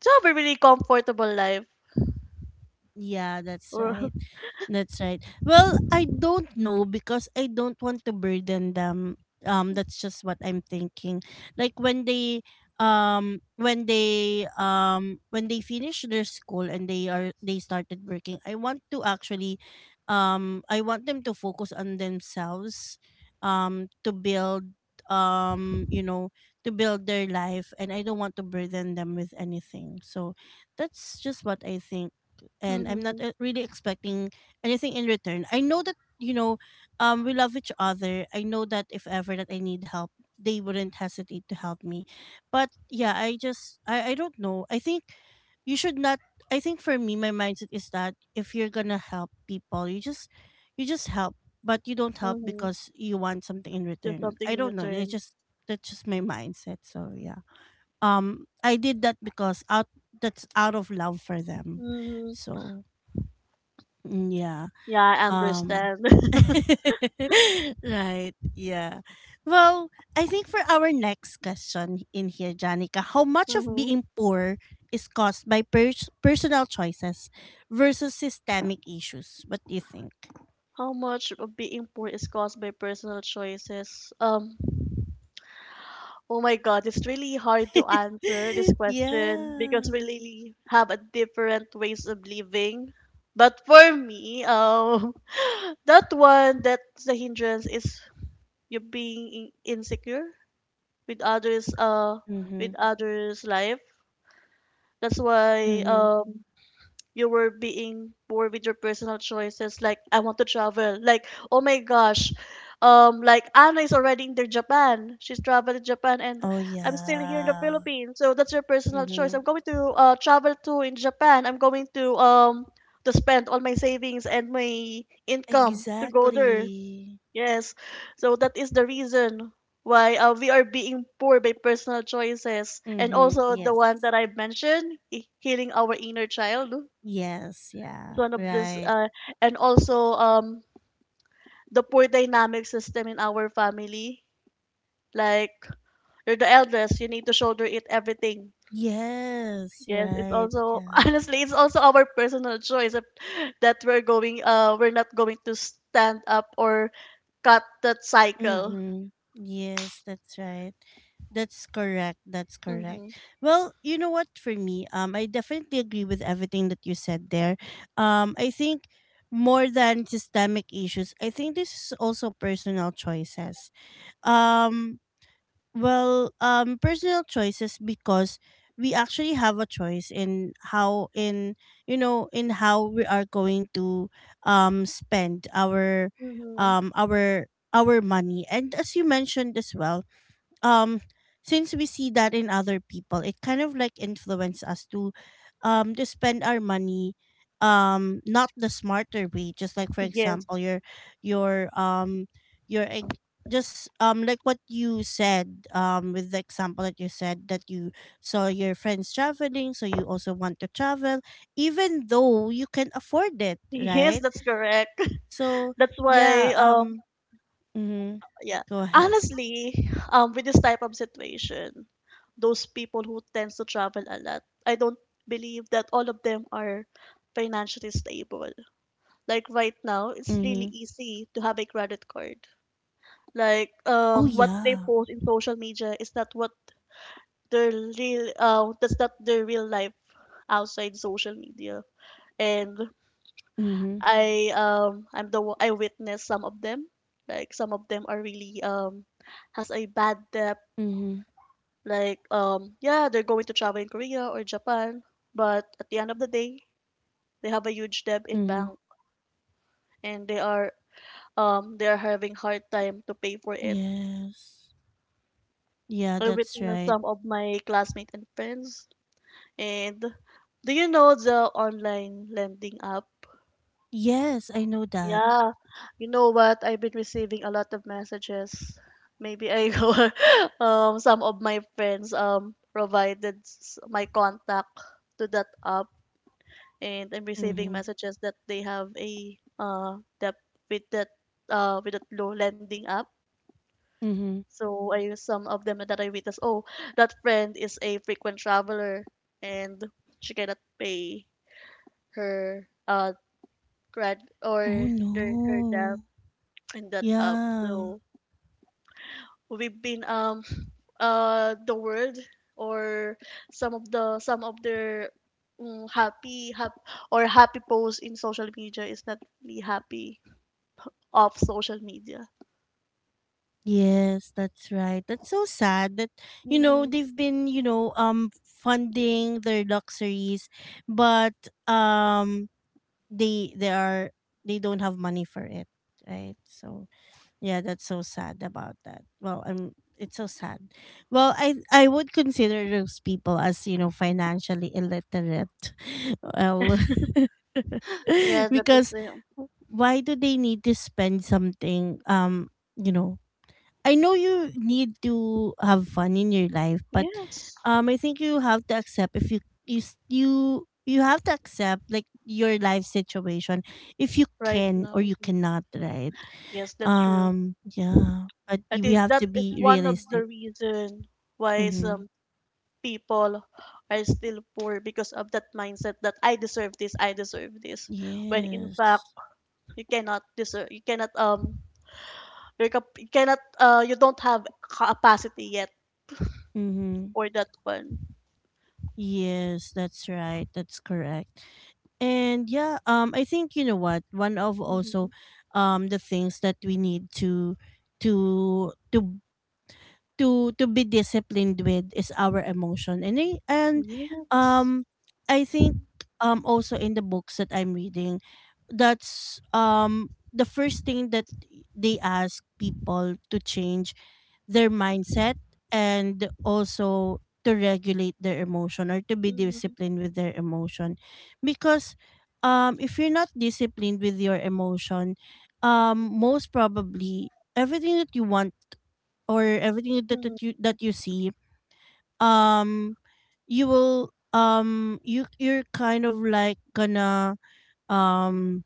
[SPEAKER 2] to have a really comfortable life.
[SPEAKER 1] Yeah, that's
[SPEAKER 2] Or
[SPEAKER 1] right. That's right. Well, I don't know because I don't want to burden them. That's just what I'm thinking. Like when they when they when they finish their school and they started working, I want to actually I want them to focus on themselves to build um you know to build their life, and I don't want to burden them with anything. So that's just what I think, and I'm not
[SPEAKER 2] mm-hmm,
[SPEAKER 1] really expecting anything in return. I know that, you know, we love each other. I know that if ever that I need help, they wouldn't hesitate to help me. But yeah, I just, I don't know. I think you should not. I think for me, my mindset is that if you're gonna help people, you just help, but you don't help
[SPEAKER 2] mm-hmm,
[SPEAKER 1] because you want something in
[SPEAKER 2] do
[SPEAKER 1] return. I
[SPEAKER 2] something in
[SPEAKER 1] don't know, it's
[SPEAKER 2] return.
[SPEAKER 1] just, that's just my mindset. So yeah, I did that because out that's out of love for them.
[SPEAKER 2] Mm-hmm.
[SPEAKER 1] So mm, yeah.
[SPEAKER 2] Yeah, I
[SPEAKER 1] um,
[SPEAKER 2] understand.
[SPEAKER 1] right. Yeah. Well, I think for our next question in here, Janica, how much of
[SPEAKER 2] mm-hmm.
[SPEAKER 1] being poor is caused by personal choices versus systemic issues? What do you think?
[SPEAKER 2] How much of being poor is caused by personal choices? Oh my God, it's really hard to answer this question
[SPEAKER 1] yeah.
[SPEAKER 2] because we really have a different ways of living. But for me, that one, that's the hindrance is you being insecure with others uh with
[SPEAKER 1] Mm-hmm.
[SPEAKER 2] others life. That's why
[SPEAKER 1] Mm-hmm.
[SPEAKER 2] you were being bored with your personal choices, like I want to travel. Like, oh my gosh, like Anna is already in the Japan, she's traveled to Japan, and
[SPEAKER 1] Oh,
[SPEAKER 2] I'm still here in the
[SPEAKER 1] yeah.
[SPEAKER 2] Philippines. So that's your personal choice.
[SPEAKER 1] Mm-hmm.
[SPEAKER 2] I'm going to travel to in Japan. I'm going to spend all my savings and my income to go there.
[SPEAKER 1] Exactly.
[SPEAKER 2] Yes, so that is the reason why we are being poor by personal choices. And
[SPEAKER 1] Mm-hmm.
[SPEAKER 2] also the one
[SPEAKER 1] Yes.
[SPEAKER 2] that I mentioned, healing our inner child,
[SPEAKER 1] Yes.
[SPEAKER 2] is
[SPEAKER 1] Yeah.
[SPEAKER 2] one of this,
[SPEAKER 1] Right.
[SPEAKER 2] and also the poor dynamic system in our family. Like, you're the eldest, you need to shoulder it everything.
[SPEAKER 1] Yes.
[SPEAKER 2] Yes, it's
[SPEAKER 1] Right.
[SPEAKER 2] also
[SPEAKER 1] Yeah.
[SPEAKER 2] honestly, it's also our personal choice that we're going, we're not going to stand up or cut that cycle.
[SPEAKER 1] Mm-hmm. Yes, that's right. That's correct. That's correct.
[SPEAKER 2] Mm-hmm.
[SPEAKER 1] Well, you know what? For me, I definitely agree with everything that you said there. I think more than systemic issues, I think this is also personal choices. Um, Personal choices because we actually have a choice in how in you know in how we are going to spend
[SPEAKER 2] Mm-hmm.
[SPEAKER 1] um our our money, and as you mentioned as well, um since we see that in other people, it kind of like influence us to spend our money not the smarter way. Just like for
[SPEAKER 2] Yes.
[SPEAKER 1] example your um your just like what you said, with the example that you said, that you saw your friends traveling, so you also want to travel even though you can afford it,
[SPEAKER 2] Yes,
[SPEAKER 1] right?
[SPEAKER 2] that's correct.
[SPEAKER 1] So
[SPEAKER 2] That's why,
[SPEAKER 1] yeah. Mhm,
[SPEAKER 2] yeah,
[SPEAKER 1] go ahead.
[SPEAKER 2] honestly, with this type of situation, those people who tends to travel a lot, I don't believe that all of them are financially stable. Like right now, it's really
[SPEAKER 1] Mhm.
[SPEAKER 2] easy to have a credit card. Like,
[SPEAKER 1] Oh
[SPEAKER 2] what they
[SPEAKER 1] yeah.
[SPEAKER 2] post in social media is not what their real, that's not their real life outside social media. And
[SPEAKER 1] Mhm.
[SPEAKER 2] I'm I witnessed some of them. Like some of them are really has a bad debt.
[SPEAKER 1] Mhm.
[SPEAKER 2] Like yeah, they're going to travel in Korea or Japan, but at the end of the day, they have a huge debt in
[SPEAKER 1] Mhm.
[SPEAKER 2] bank, and they are having hard time to pay for it.
[SPEAKER 1] Yes. Yeah,
[SPEAKER 2] I
[SPEAKER 1] that's
[SPEAKER 2] witnessed
[SPEAKER 1] right.
[SPEAKER 2] some of my classmates and friends, and do you know the online lending app?
[SPEAKER 1] Yes, I know that.
[SPEAKER 2] Yeah, you know what? I've been receiving a lot of messages. Maybe I go, some of my friends provided my contact to that app, and I'm receiving
[SPEAKER 1] Mhm.
[SPEAKER 2] messages that they have a debt with that with that low lending app.
[SPEAKER 1] Mhm.
[SPEAKER 2] So I use some of them that I witnessed. Oh, that friend is a frequent traveler, and she cannot pay her grad
[SPEAKER 1] Oh
[SPEAKER 2] or their, her debt
[SPEAKER 1] no.
[SPEAKER 2] in that app.
[SPEAKER 1] Yeah.
[SPEAKER 2] So we've been the world or some of their happy hap or happy posts in social media is not really happy of social media.
[SPEAKER 1] Yes, that's right. That's so sad that, you know,
[SPEAKER 2] Mm-hmm.
[SPEAKER 1] they've been, you know, funding their luxuries, but um they they are they don't have money for it, right? So yeah, that's so sad about that. Well, I'm it's so sad. Well, I would consider those people as, you know, financially illiterate. Well,
[SPEAKER 2] Yeah, that is
[SPEAKER 1] because
[SPEAKER 2] the
[SPEAKER 1] why do they need to spend something? You know, I know you need to have fun in your life, but
[SPEAKER 2] yes
[SPEAKER 1] I think you have to accept if you you have to accept like your life situation, if you
[SPEAKER 2] right
[SPEAKER 1] can
[SPEAKER 2] now.
[SPEAKER 1] or you
[SPEAKER 2] Mhm.
[SPEAKER 1] cannot, right?
[SPEAKER 2] Yes, that's true.
[SPEAKER 1] Yeah, but
[SPEAKER 2] I
[SPEAKER 1] we
[SPEAKER 2] think
[SPEAKER 1] have
[SPEAKER 2] that
[SPEAKER 1] to
[SPEAKER 2] is
[SPEAKER 1] be
[SPEAKER 2] one of the
[SPEAKER 1] realistic.
[SPEAKER 2] reason why
[SPEAKER 1] Mm-hmm.
[SPEAKER 2] some people are still poor because of that mindset that I deserve this, I deserve this. When in fact
[SPEAKER 1] Yes.
[SPEAKER 2] you cannot deserve, you cannot you cannot you don't have capacity yet
[SPEAKER 1] Mm-hmm.
[SPEAKER 2] for that one.
[SPEAKER 1] Yes, that's right. That's correct. And yeah, I think, you know what, one of
[SPEAKER 2] Mm-hmm.
[SPEAKER 1] also, the things that we need to to to to be disciplined with is our emotion. and I, and
[SPEAKER 2] Yes.
[SPEAKER 1] um I think also in the books that I'm reading, that's the first thing that they ask people, to change their mindset and also to regulate their emotion or to be
[SPEAKER 2] Mm-hmm.
[SPEAKER 1] disciplined with their emotion. Because if you're not disciplined with your emotion, most probably everything that you want or everything that,
[SPEAKER 2] Mm-hmm.
[SPEAKER 1] that you see, um you will you're kind of like gonna um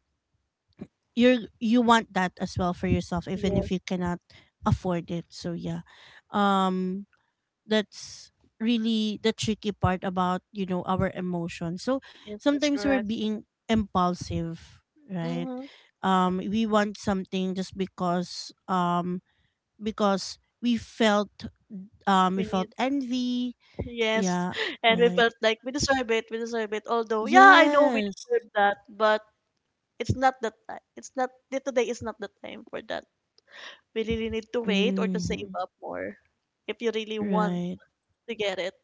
[SPEAKER 1] you're you want that as well for yourself, even
[SPEAKER 2] Yes,
[SPEAKER 1] if you cannot afford it. So yeah, um that's really the tricky part about, you know, our emotions. So
[SPEAKER 2] yes, that's
[SPEAKER 1] sometimes we're
[SPEAKER 2] correct.
[SPEAKER 1] being impulsive, right?
[SPEAKER 2] Mm-hmm.
[SPEAKER 1] We want something just because we
[SPEAKER 2] We
[SPEAKER 1] felt
[SPEAKER 2] need
[SPEAKER 1] envy.
[SPEAKER 2] yes,
[SPEAKER 1] Yeah,
[SPEAKER 2] and we
[SPEAKER 1] right.
[SPEAKER 2] felt like we deserve it. We deserve it. Although, yeah, I know we
[SPEAKER 1] Yes.
[SPEAKER 2] deserve that, but it's not the time. It's not today. Is not the time for that. We really need to wait or to save
[SPEAKER 1] Hmm.
[SPEAKER 2] up more if you really want
[SPEAKER 1] Right.
[SPEAKER 2] to get it.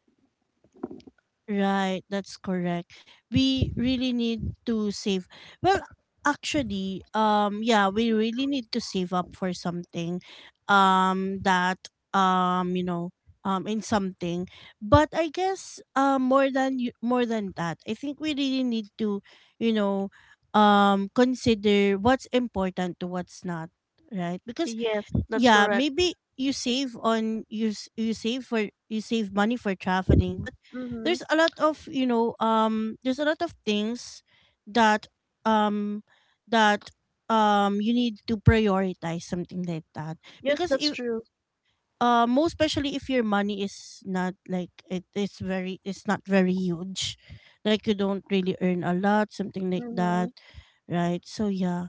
[SPEAKER 1] Right. That's correct. We really need to save. Well, actually, yeah, we really need to save up for something that you know, in something but I guess more than more than that, I think we really need to, you know, consider what's important to what's not, right? Because
[SPEAKER 2] Yes, that's
[SPEAKER 1] yeah,
[SPEAKER 2] correct.
[SPEAKER 1] maybe you save on you save money for traveling, but
[SPEAKER 2] Mm-hmm.
[SPEAKER 1] there's a lot of, you know, there's a lot of things that um that you need to prioritize something like that.
[SPEAKER 2] Yes,
[SPEAKER 1] Because
[SPEAKER 2] that's
[SPEAKER 1] if
[SPEAKER 2] true.
[SPEAKER 1] most especially if your money is not like, it is very it's not very huge, like you don't really earn a lot something like
[SPEAKER 2] Mm-hmm.
[SPEAKER 1] that, right? So yeah,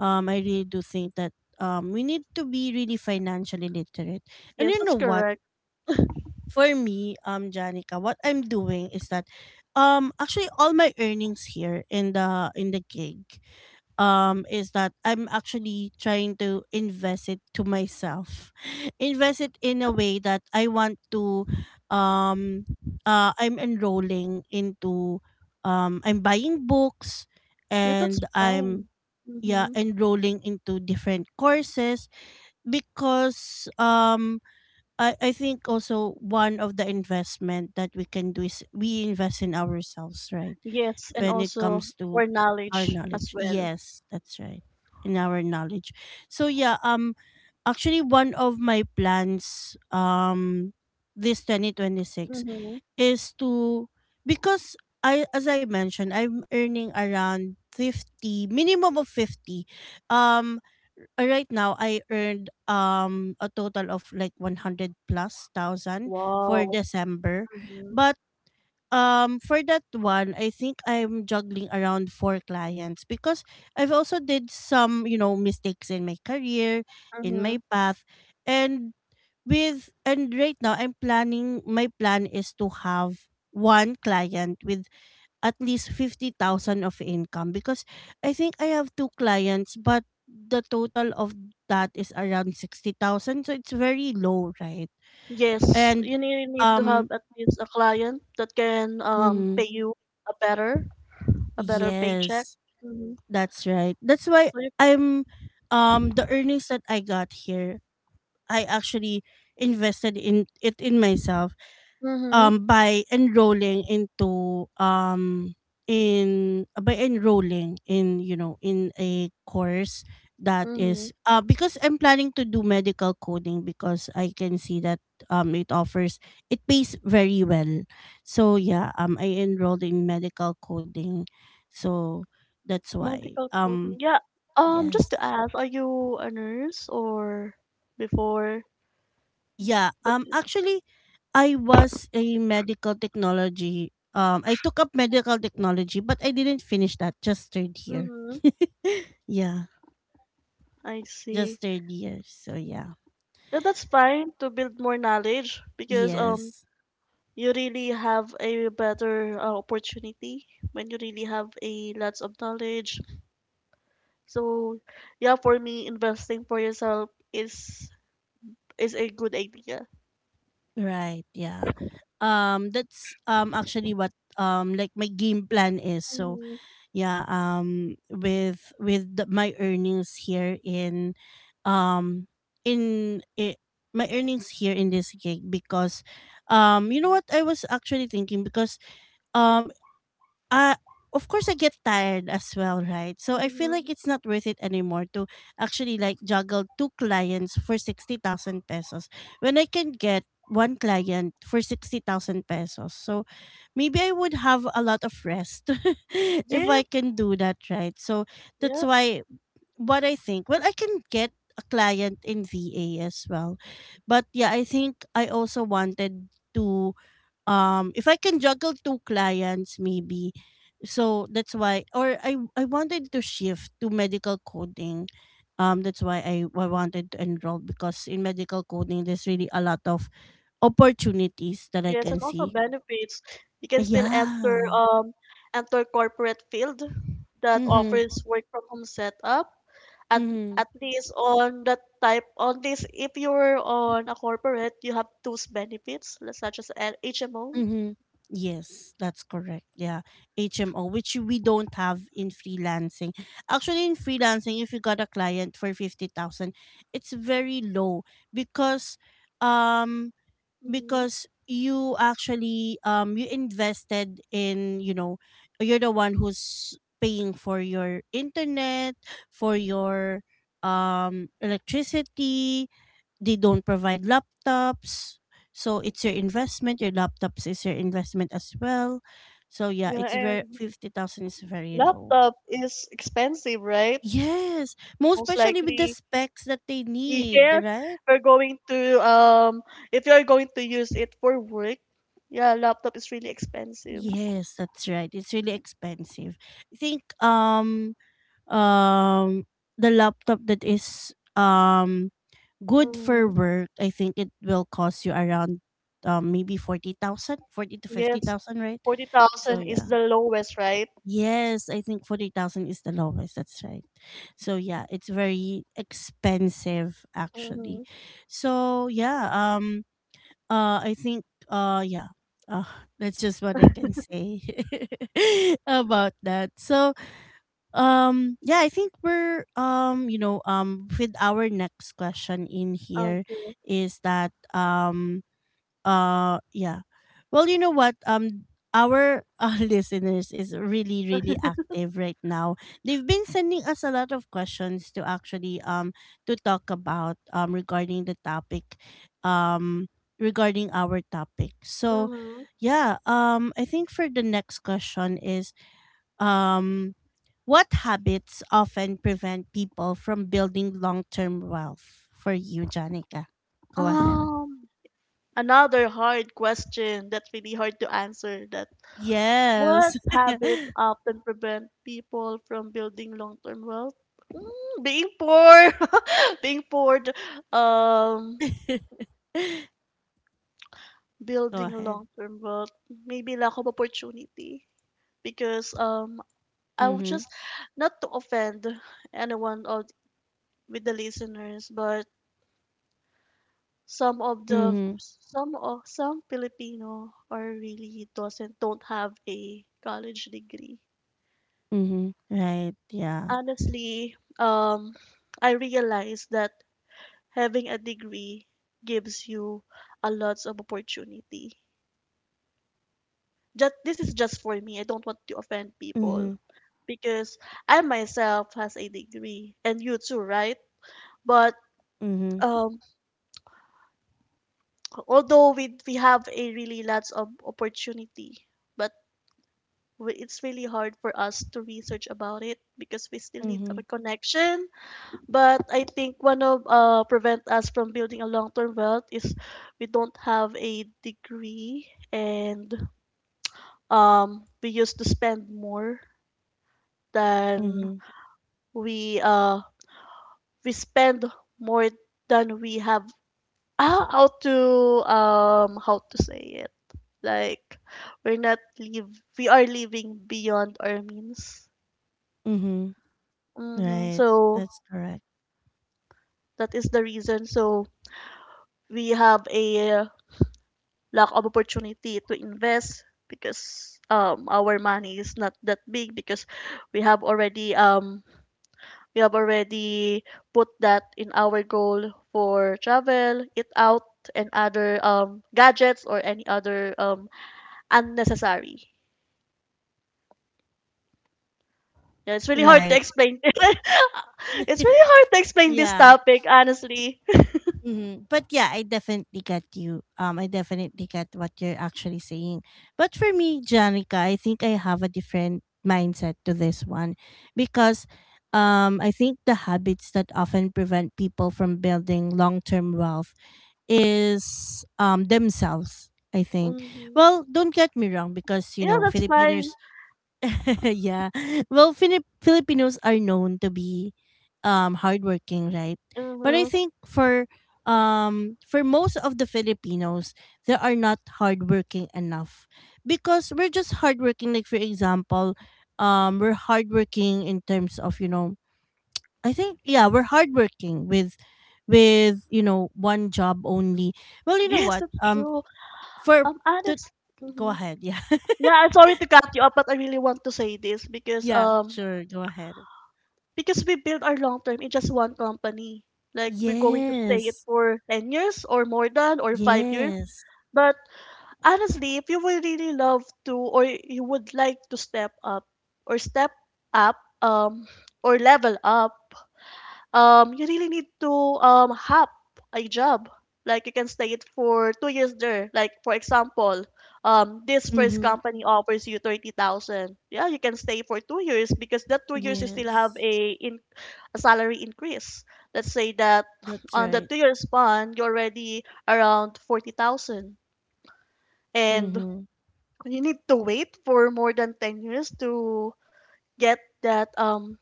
[SPEAKER 1] I really do think that we need to be really financially literate. And
[SPEAKER 2] Yes,
[SPEAKER 1] you
[SPEAKER 2] that's
[SPEAKER 1] know what,
[SPEAKER 2] correct.
[SPEAKER 1] for me, Janica, what I'm doing is that, actually, all my earnings here in the gig, is that I'm actually trying to invest it to myself, invest it in a way that I want to, um, I'm enrolling into, I'm buying books,
[SPEAKER 2] Yeah, that's
[SPEAKER 1] and I'm
[SPEAKER 2] fine.
[SPEAKER 1] yeah
[SPEAKER 2] Mm-hmm.
[SPEAKER 1] enrolling into different courses. Because I think also one of the investment that we can do is we invest in ourselves, right?
[SPEAKER 2] Yes, and
[SPEAKER 1] When it
[SPEAKER 2] also
[SPEAKER 1] comes to
[SPEAKER 2] for
[SPEAKER 1] our
[SPEAKER 2] knowledge as
[SPEAKER 1] knowledge.
[SPEAKER 2] well.
[SPEAKER 1] Yes, that's right. In our knowledge. So yeah, actually one of my plans this 2026
[SPEAKER 2] Mm-hmm.
[SPEAKER 1] is to, because I as I mentioned, I'm earning around 50 minimum of 50. Um right now I earned a total of like 100 plus thousand for
[SPEAKER 2] Wow.
[SPEAKER 1] December.
[SPEAKER 2] Mm-hmm.
[SPEAKER 1] But for that one, I think I'm juggling around four clients because I've also did some, you know, mistakes in my career, in
[SPEAKER 2] Mm-hmm.
[SPEAKER 1] my path. And and right now I'm planning. My plan is to have one client with at least 50,000 of income because I think I have two clients, but the total of that is around 60,000, so it's very low, right?
[SPEAKER 2] Yes,
[SPEAKER 1] And
[SPEAKER 2] you need to have
[SPEAKER 1] um
[SPEAKER 2] at least a client that can
[SPEAKER 1] mm,
[SPEAKER 2] pay you a better a better paycheck.
[SPEAKER 1] yes,
[SPEAKER 2] Mm-hmm.
[SPEAKER 1] that's right. That's why
[SPEAKER 2] So you.
[SPEAKER 1] I'm the earnings that I got here, I actually invested in it in myself
[SPEAKER 2] Mm-hmm.
[SPEAKER 1] by enrolling into in by enrolling in, you know, in a course that
[SPEAKER 2] Mm-hmm.
[SPEAKER 1] is because I'm planning to do medical coding, because I can see that it offers, it pays very well. So yeah, I enrolled in medical coding. So that's why
[SPEAKER 2] Medical coding. Yeah.
[SPEAKER 1] yes.
[SPEAKER 2] Just to ask, are you a nurse or before?
[SPEAKER 1] Yeah.
[SPEAKER 2] But
[SPEAKER 1] Actually, I was a medical technology. I took up medical technology, but I didn't finish that. Just third year.
[SPEAKER 2] mm-hmm.
[SPEAKER 1] Yeah.
[SPEAKER 2] I see.
[SPEAKER 1] Just third year. So yeah.
[SPEAKER 2] Yeah, that's fine to build more knowledge because
[SPEAKER 1] Yes.
[SPEAKER 2] you really have a better opportunity when you really have a lots of knowledge. So yeah, for me investing for yourself is a good idea.
[SPEAKER 1] Right. Yeah. That's actually what like my game plan is. So
[SPEAKER 2] Mm-hmm.
[SPEAKER 1] yeah with my earnings here in um in it, my earnings here in this gig. Because you know what, I was actually thinking because um uh of course I get tired as well, right? So I feel
[SPEAKER 2] Mm-hmm.
[SPEAKER 1] like it's not worth it anymore to actually like juggle two clients for 60,000 pesos when I can get one client for 60,000 pesos. So maybe I would have a lot of rest if I
[SPEAKER 2] Yes.
[SPEAKER 1] can do that, right? So that's
[SPEAKER 2] Yeah.
[SPEAKER 1] why what I think, well, I can get a client in VA as well. But yeah, I think I also wanted to if I can juggle two clients maybe. So that's why, or I wanted to shift to medical coding. That's why I wanted to enroll, because in medical coding there's really a lot of opportunities that I
[SPEAKER 2] Yes,
[SPEAKER 1] can
[SPEAKER 2] and also
[SPEAKER 1] see.
[SPEAKER 2] benefits. You can still enter
[SPEAKER 1] Yeah.
[SPEAKER 2] enter corporate field that
[SPEAKER 1] Mhm.
[SPEAKER 2] offers work from home setup at
[SPEAKER 1] Mhm.
[SPEAKER 2] at least on that type on this. If you're on a corporate, you have those benefits like such as an HMO.
[SPEAKER 1] Mm-hmm. Yes, that's correct. Yeah, HMO, which we don't have in freelancing. Actually, in freelancing, if you got a client for 50,000, it's very low because, um,
[SPEAKER 2] Mhm.
[SPEAKER 1] because you actually you invested in, you know, you're the one who's paying for your internet, for your electricity. They don't provide laptops. So it's your investment. Your laptops is your investment as well. So yeah,
[SPEAKER 2] Yeah,
[SPEAKER 1] it's very
[SPEAKER 2] and
[SPEAKER 1] 50,000 is very low.
[SPEAKER 2] laptop is expensive, right?
[SPEAKER 1] Yes, most
[SPEAKER 2] Most
[SPEAKER 1] especially with the
[SPEAKER 2] likely,
[SPEAKER 1] specs that they need,
[SPEAKER 2] yes,
[SPEAKER 1] right?
[SPEAKER 2] we're going to if you're going to use it for work, yeah, laptop is really expensive.
[SPEAKER 1] Yes, that's right. It's really expensive. I think um the laptop that is good for
[SPEAKER 2] Mm-hmm.
[SPEAKER 1] work, I think it will cost you around maybe 40,000, 40 to
[SPEAKER 2] Yes,
[SPEAKER 1] 50,000, right? So
[SPEAKER 2] 40,000 is
[SPEAKER 1] yeah.
[SPEAKER 2] the lowest, right?
[SPEAKER 1] Yes, I think 40,000 is the lowest. That's right. So yeah, it's very expensive
[SPEAKER 2] Mm-hmm.
[SPEAKER 1] actually. So yeah, I think yeah. Uh, that's just what I can say about that. So, yeah, I think we're you know, with our next question in here
[SPEAKER 2] Okay.
[SPEAKER 1] is that yeah. Well, you know what? Our listeners is really really active right now. They've been sending us a lot of questions to actually to talk about regarding the topic um regarding our topic. So,
[SPEAKER 2] Mm-hmm.
[SPEAKER 1] yeah, I think for the next question is um what habits often prevent people from building long-term wealth for you, Janica? Go ahead.
[SPEAKER 2] Um, another hard question that's really hard to answer that. What
[SPEAKER 1] Yes.
[SPEAKER 2] habits often prevent people from building long-term wealth? Being poor, being poor, um,
[SPEAKER 1] Go
[SPEAKER 2] building a
[SPEAKER 1] ahead.
[SPEAKER 2] long-term wealth, maybe lack of opportunity. Because I would
[SPEAKER 1] Mhm.
[SPEAKER 2] just not to offend anyone of, with the listeners, but
[SPEAKER 1] Mhm.
[SPEAKER 2] some Filipino are really doesn't don't have a college degree.
[SPEAKER 1] Mhm. Right. Yeah.
[SPEAKER 2] Honestly, I realized that having a degree gives you a lots of opportunity. Just this is just for me. I don't want to offend people
[SPEAKER 1] Mhm.
[SPEAKER 2] because I myself has a degree and you too, right? But
[SPEAKER 1] Mhm.
[SPEAKER 2] um, although we have a really lots of opportunity, but it's really hard for us to research about it because we still need
[SPEAKER 1] Mhm.
[SPEAKER 2] a connection. But I think one of prevent us from building a long term wealth is we don't have a degree, and we used to spend more than
[SPEAKER 1] Mhm.
[SPEAKER 2] we uh we spend more than we have. How to how to say it? Like, we're not live we are living beyond our means.
[SPEAKER 1] Mhm. Right.
[SPEAKER 2] So
[SPEAKER 1] That's correct.
[SPEAKER 2] that is the reason. So we have a lack of opportunity to invest because our money is not that big because we have already we have already put that in our goal for travel, eat out, and other gadgets or any other unnecessary. Yeah, it's really hard to
[SPEAKER 1] Right.
[SPEAKER 2] explain. it's really hard to explain this
[SPEAKER 1] Yeah.
[SPEAKER 2] topic, honestly.
[SPEAKER 1] But yeah, I definitely get you. I definitely get what you're actually saying. But for me, Janica, I think I have a different mindset to this one because I think the habits that often prevent people from building long term wealth is themselves, I think.
[SPEAKER 2] hmm
[SPEAKER 1] Well, don't get me wrong because you
[SPEAKER 2] Yeah,
[SPEAKER 1] know
[SPEAKER 2] that's fine.
[SPEAKER 1] filipinos. Yeah, well, Filipinos are known to be hardworking, right? But I
[SPEAKER 2] hmm
[SPEAKER 1] think for most of the filipinos, they are not hardworking enough because we're just hardworking. Like, for example, we're hardworking in terms of, you know, I think, yeah, we're hardworking with you know, one job only. Well, you know
[SPEAKER 2] Yes,
[SPEAKER 1] what?
[SPEAKER 2] that's true.
[SPEAKER 1] For to
[SPEAKER 2] Honest.
[SPEAKER 1] Go
[SPEAKER 2] hmm
[SPEAKER 1] ahead. Yeah,
[SPEAKER 2] Yeah, I'm sorry to cut you off, but I really want to say this because
[SPEAKER 1] yeah, sure. Go ahead.
[SPEAKER 2] because we build our long term in just one company. Like we're going to stay it
[SPEAKER 1] Yes,
[SPEAKER 2] for 10 years or more than or 5 years.
[SPEAKER 1] yes,
[SPEAKER 2] But honestly, if you would really love to or you would like to step up um or level up, you really need to hop a job. Like you can stay it for 2 years there. Like for example, this first
[SPEAKER 1] mm-hmm.
[SPEAKER 2] company offers you 30,000. Yeah, you can stay for 2 years because that 2 years you still have
[SPEAKER 1] Yes.
[SPEAKER 2] a in a salary increase. Let's say that
[SPEAKER 1] That's
[SPEAKER 2] on the
[SPEAKER 1] right.
[SPEAKER 2] 2-year span, you're already around 40,000 and
[SPEAKER 1] Mm-hmm.
[SPEAKER 2] you need to wait for more than 10 years to get that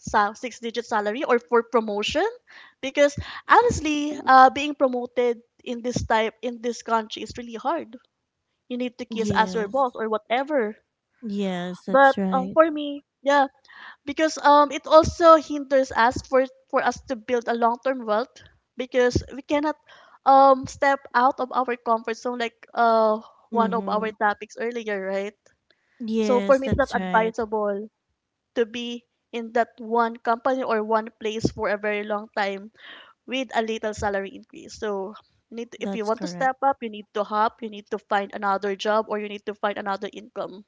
[SPEAKER 2] six digit salary or for promotion because honestly, being promoted in this type in this country is really hard. You need to kiss as your
[SPEAKER 1] Yes,
[SPEAKER 2] boss or whatever.
[SPEAKER 1] yes.
[SPEAKER 2] But
[SPEAKER 1] That's right.
[SPEAKER 2] for me, yeah, because it also hinders us for us to build a long-term wealth because we cannot step out of our comfort zone, like one of
[SPEAKER 1] Mm-hmm.
[SPEAKER 2] our topics earlier, right? So for
[SPEAKER 1] Yes,
[SPEAKER 2] me, it's not
[SPEAKER 1] that's right.
[SPEAKER 2] advisable to be in that one company or one place for a very long time with a little salary increase. So you need to, if you
[SPEAKER 1] That's
[SPEAKER 2] want to
[SPEAKER 1] correct.
[SPEAKER 2] step up, you need to hop, you need to find another job, or you need to find another income.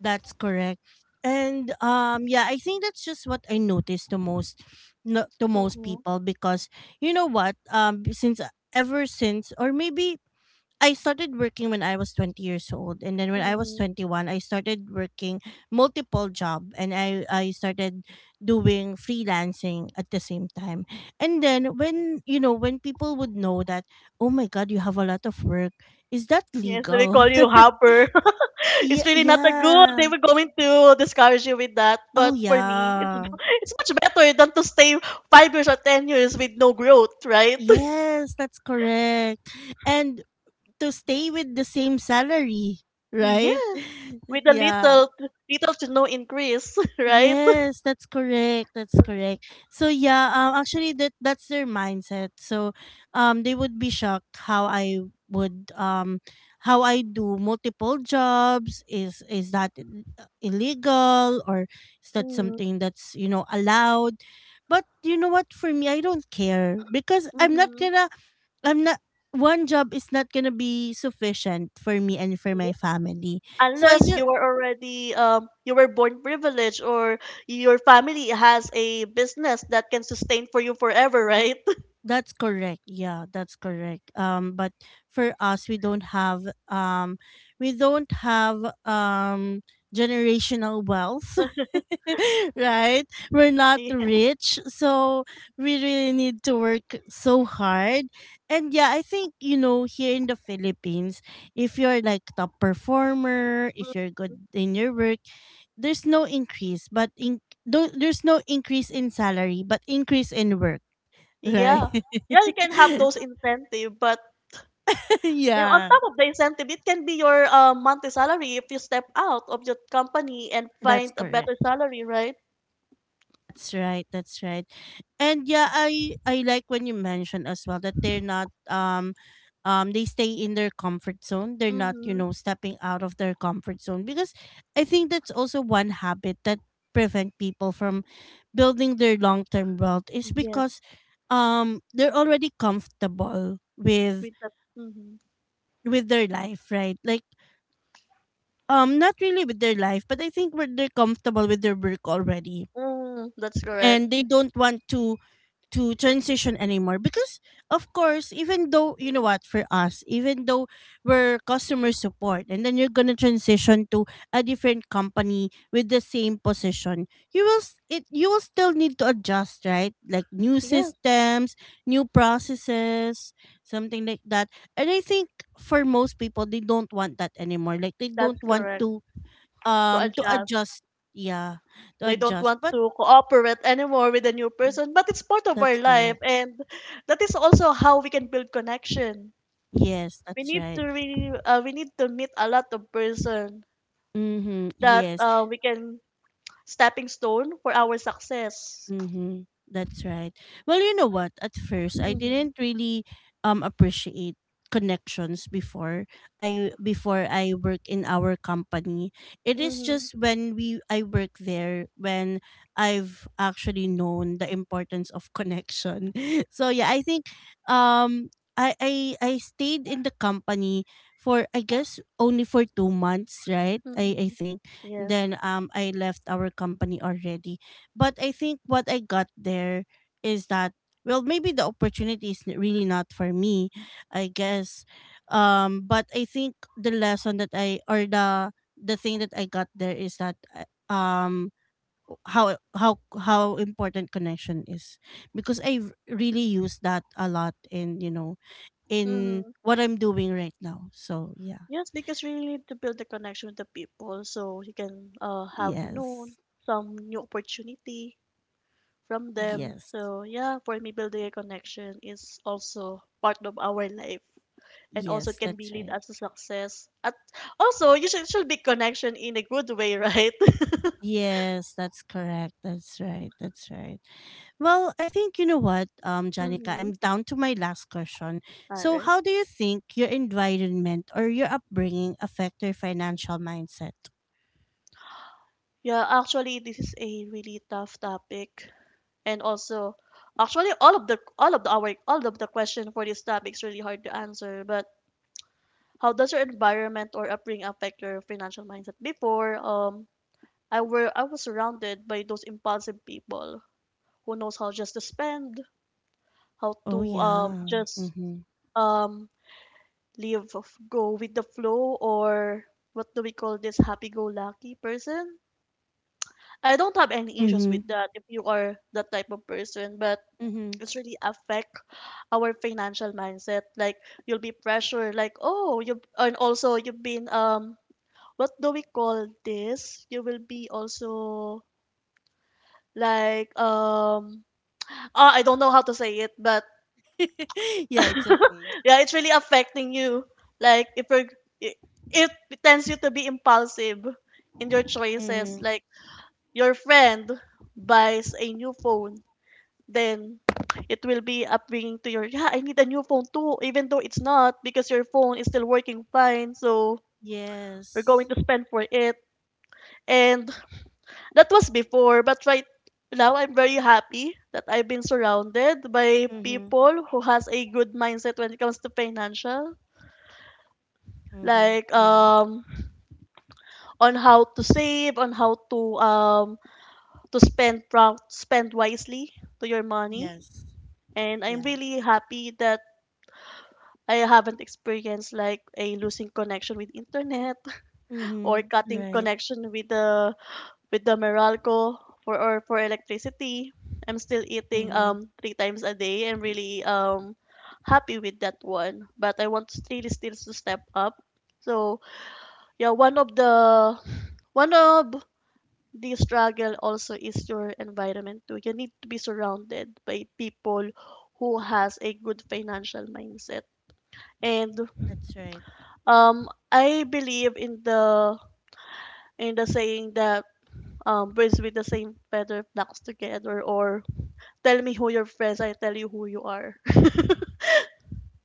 [SPEAKER 1] That's correct. And yeah, I think that's just what I noticed to most, no, to most
[SPEAKER 2] Mm-hmm.
[SPEAKER 1] people. Because you know what, since ever since, or maybe I started working when I was 20 years old, and then when I was
[SPEAKER 2] Mm-hmm.
[SPEAKER 1] 21 I started working multiple job, and I started doing freelancing at the same time. And then, when you know, when people would know that, oh my god, you have a lot of work, is that
[SPEAKER 2] Yes, they
[SPEAKER 1] legal?
[SPEAKER 2] call you hopper.
[SPEAKER 1] Yeah,
[SPEAKER 2] It's really not a good.
[SPEAKER 1] yeah.
[SPEAKER 2] They were going to discourage you with that,
[SPEAKER 1] Oh
[SPEAKER 2] but for me, it's
[SPEAKER 1] yeah.
[SPEAKER 2] it's much better than to stay 5 years or 10 years with no growth, right?
[SPEAKER 1] Yes, that's correct. And to stay with the same salary,
[SPEAKER 2] Yeah,
[SPEAKER 1] right?
[SPEAKER 2] with a
[SPEAKER 1] Yeah.
[SPEAKER 2] little to no increase, right?
[SPEAKER 1] Yes, that's correct. That's correct. So yeah, actually that's their mindset. So they would be shocked how I would, how I do multiple jobs. Is that illegal, or is that
[SPEAKER 2] Mm-hmm.
[SPEAKER 1] something that's, you know, allowed? But you know what, for me, I don't care, because I'm not going to. I'm not. One job is not gonna be sufficient for me and for
[SPEAKER 2] Yeah.
[SPEAKER 1] my family. So I
[SPEAKER 2] Unless
[SPEAKER 1] just
[SPEAKER 2] you were already you were born privileged, or your family has a business that can sustain for you forever, right?
[SPEAKER 1] That's correct. Yeah, that's correct. But for us, we don't have um, we don't have um generational wealth, right? We're not
[SPEAKER 2] Yeah.
[SPEAKER 1] rich, so we really need to work so hard. And yeah, I think, you know, here in the Philippines, if you're like top performer, if
[SPEAKER 2] Mm.
[SPEAKER 1] you're good in your work, there's no increase, but in, though, there's no increase in salary, but increase in work. Right.
[SPEAKER 2] Yeah. Yeah, you can have those incentive, but you know, on
[SPEAKER 1] Yeah,
[SPEAKER 2] top of the incentive, it can be your monthly salary if you step out of your company and
[SPEAKER 1] that's
[SPEAKER 2] find a
[SPEAKER 1] correct.
[SPEAKER 2] better salary, right?
[SPEAKER 1] That's right. That's right. And yeah, I like when you mentioned as well that they're not, they stay in their comfort zone. They're not, you
[SPEAKER 2] Mm-hmm.
[SPEAKER 1] know, stepping out of their comfort zone. Because I think that's also one habit that prevent people from building their long-term wealth is
[SPEAKER 2] Yes,
[SPEAKER 1] because they're already comfortable with
[SPEAKER 2] with that. Mm-hmm.
[SPEAKER 1] their life, right? Like, not really with their life, but I think where they're comfortable with their work already,
[SPEAKER 2] Mm, that's correct.
[SPEAKER 1] and they don't want to transition anymore. Because of course, even though, you know what, for us, even though we're customer support and then you're going to transition to a different company with the same position, you will still need to adjust, right? Like new
[SPEAKER 2] Yes,
[SPEAKER 1] systems, new processes, something like that. And I think for most people, they don't want that anymore. Like they
[SPEAKER 2] that's
[SPEAKER 1] don't want
[SPEAKER 2] correct.
[SPEAKER 1] to
[SPEAKER 2] To
[SPEAKER 1] um to
[SPEAKER 2] adjust.
[SPEAKER 1] adjust, yeah, to
[SPEAKER 2] They don't
[SPEAKER 1] adjust.
[SPEAKER 2] want
[SPEAKER 1] But
[SPEAKER 2] to cooperate anymore with a new person, but it's part of
[SPEAKER 1] that's
[SPEAKER 2] our life,
[SPEAKER 1] correct.
[SPEAKER 2] and that is also how we can build connection.
[SPEAKER 1] Yes,
[SPEAKER 2] We
[SPEAKER 1] that's
[SPEAKER 2] need
[SPEAKER 1] right.
[SPEAKER 2] to really, we need to meet a lot of person
[SPEAKER 1] Mm-hmm.
[SPEAKER 2] that
[SPEAKER 1] Yes.
[SPEAKER 2] we can stepping stone for our success.
[SPEAKER 1] Mm-hmm. That's right. Well, you know what? At first, I
[SPEAKER 2] Mm-hmm.
[SPEAKER 1] didn't really appreciate connections before I work in our company. It is
[SPEAKER 2] Mm-hmm.
[SPEAKER 1] just when we I work there when I've actually known the importance of connection. So yeah, I think I stayed in the company for, I guess, only for 2 months, right? I
[SPEAKER 2] Mm-hmm.
[SPEAKER 1] think
[SPEAKER 2] Yes.
[SPEAKER 1] then I left our company already. But I think what I got there is that, well, maybe the opportunity is really not for me, I guess. But I think the lesson that I, or the thing that I got there, is that how important connection is. Because I really use that a lot in, you know, in
[SPEAKER 2] Mm-hmm.
[SPEAKER 1] what I'm doing right now. So yeah.
[SPEAKER 2] Yes, because we really need to build a connection with the people so you can have known
[SPEAKER 1] Yes.
[SPEAKER 2] some new opportunity from them.
[SPEAKER 1] Yes.
[SPEAKER 2] So yeah, for me, building a connection is also part of our life. And also
[SPEAKER 1] Yes,
[SPEAKER 2] it can be
[SPEAKER 1] that's
[SPEAKER 2] lead
[SPEAKER 1] right.
[SPEAKER 2] us to success. At also you should be connection in a good way, right?
[SPEAKER 1] Yes, that's correct. That's right. That's right. Well, I think, you know what, Janica,
[SPEAKER 2] Mm-hmm.
[SPEAKER 1] I'm down to my last question.
[SPEAKER 2] All
[SPEAKER 1] So,
[SPEAKER 2] right.
[SPEAKER 1] how do you think your environment or your upbringing affect your financial mindset?
[SPEAKER 2] Yeah, actually this is a really tough topic, and also actually all of the our all of the question for this topic is really hard to answer. But how does your environment or upbringing affect your financial mindset? Before, I was surrounded by those impulsive people who knows how just to spend, how
[SPEAKER 1] Oh
[SPEAKER 2] to
[SPEAKER 1] yeah.
[SPEAKER 2] just
[SPEAKER 1] Mhm.
[SPEAKER 2] um live go with the flow, or what do we call this, happy go lucky person. I don't have any issues
[SPEAKER 1] Mhm.
[SPEAKER 2] with that if you are that type of person, but
[SPEAKER 1] Mhm.
[SPEAKER 2] it's really affect our financial mindset. Like, you'll be pressured, like, oh you, and also you've been what do we call this? You will be also like ah, I don't know how to say it, but
[SPEAKER 1] Yeah, it's okay.
[SPEAKER 2] yeah, it's really affecting you. Like if you're, it, it tends you to be impulsive in your choices.
[SPEAKER 1] Mhm.
[SPEAKER 2] Like your friend buys a new phone, then it will be upbringing to your, yeah, I need a new phone too, even though it's not because your phone is still working fine. So we're going
[SPEAKER 1] Yes.
[SPEAKER 2] to spend for it. And that was before, but right now I'm very happy that I've been surrounded by
[SPEAKER 1] Mhm.
[SPEAKER 2] people who has a good mindset when it comes to financial.
[SPEAKER 1] Mhm.
[SPEAKER 2] Like
[SPEAKER 1] Yeah.
[SPEAKER 2] on how to save, on how to spend spend wisely to your money.
[SPEAKER 1] Yes.
[SPEAKER 2] And I'm
[SPEAKER 1] Yeah.
[SPEAKER 2] really happy that I haven't experienced like a losing connection with internet or
[SPEAKER 1] Mhm.
[SPEAKER 2] cutting
[SPEAKER 1] Right.
[SPEAKER 2] connection with the Meralco for electricity. I'm still eating
[SPEAKER 1] Mhm.
[SPEAKER 2] three times a day. I'm really happy with that one, but I want to really still to step up. So yeah, one of the struggle also is your environment too. You need to be surrounded by people who has a good financial mindset. And
[SPEAKER 1] That's right.
[SPEAKER 2] I believe in the saying that, birds with the same feather flocks together, or tell me who your friends, I tell you who you are.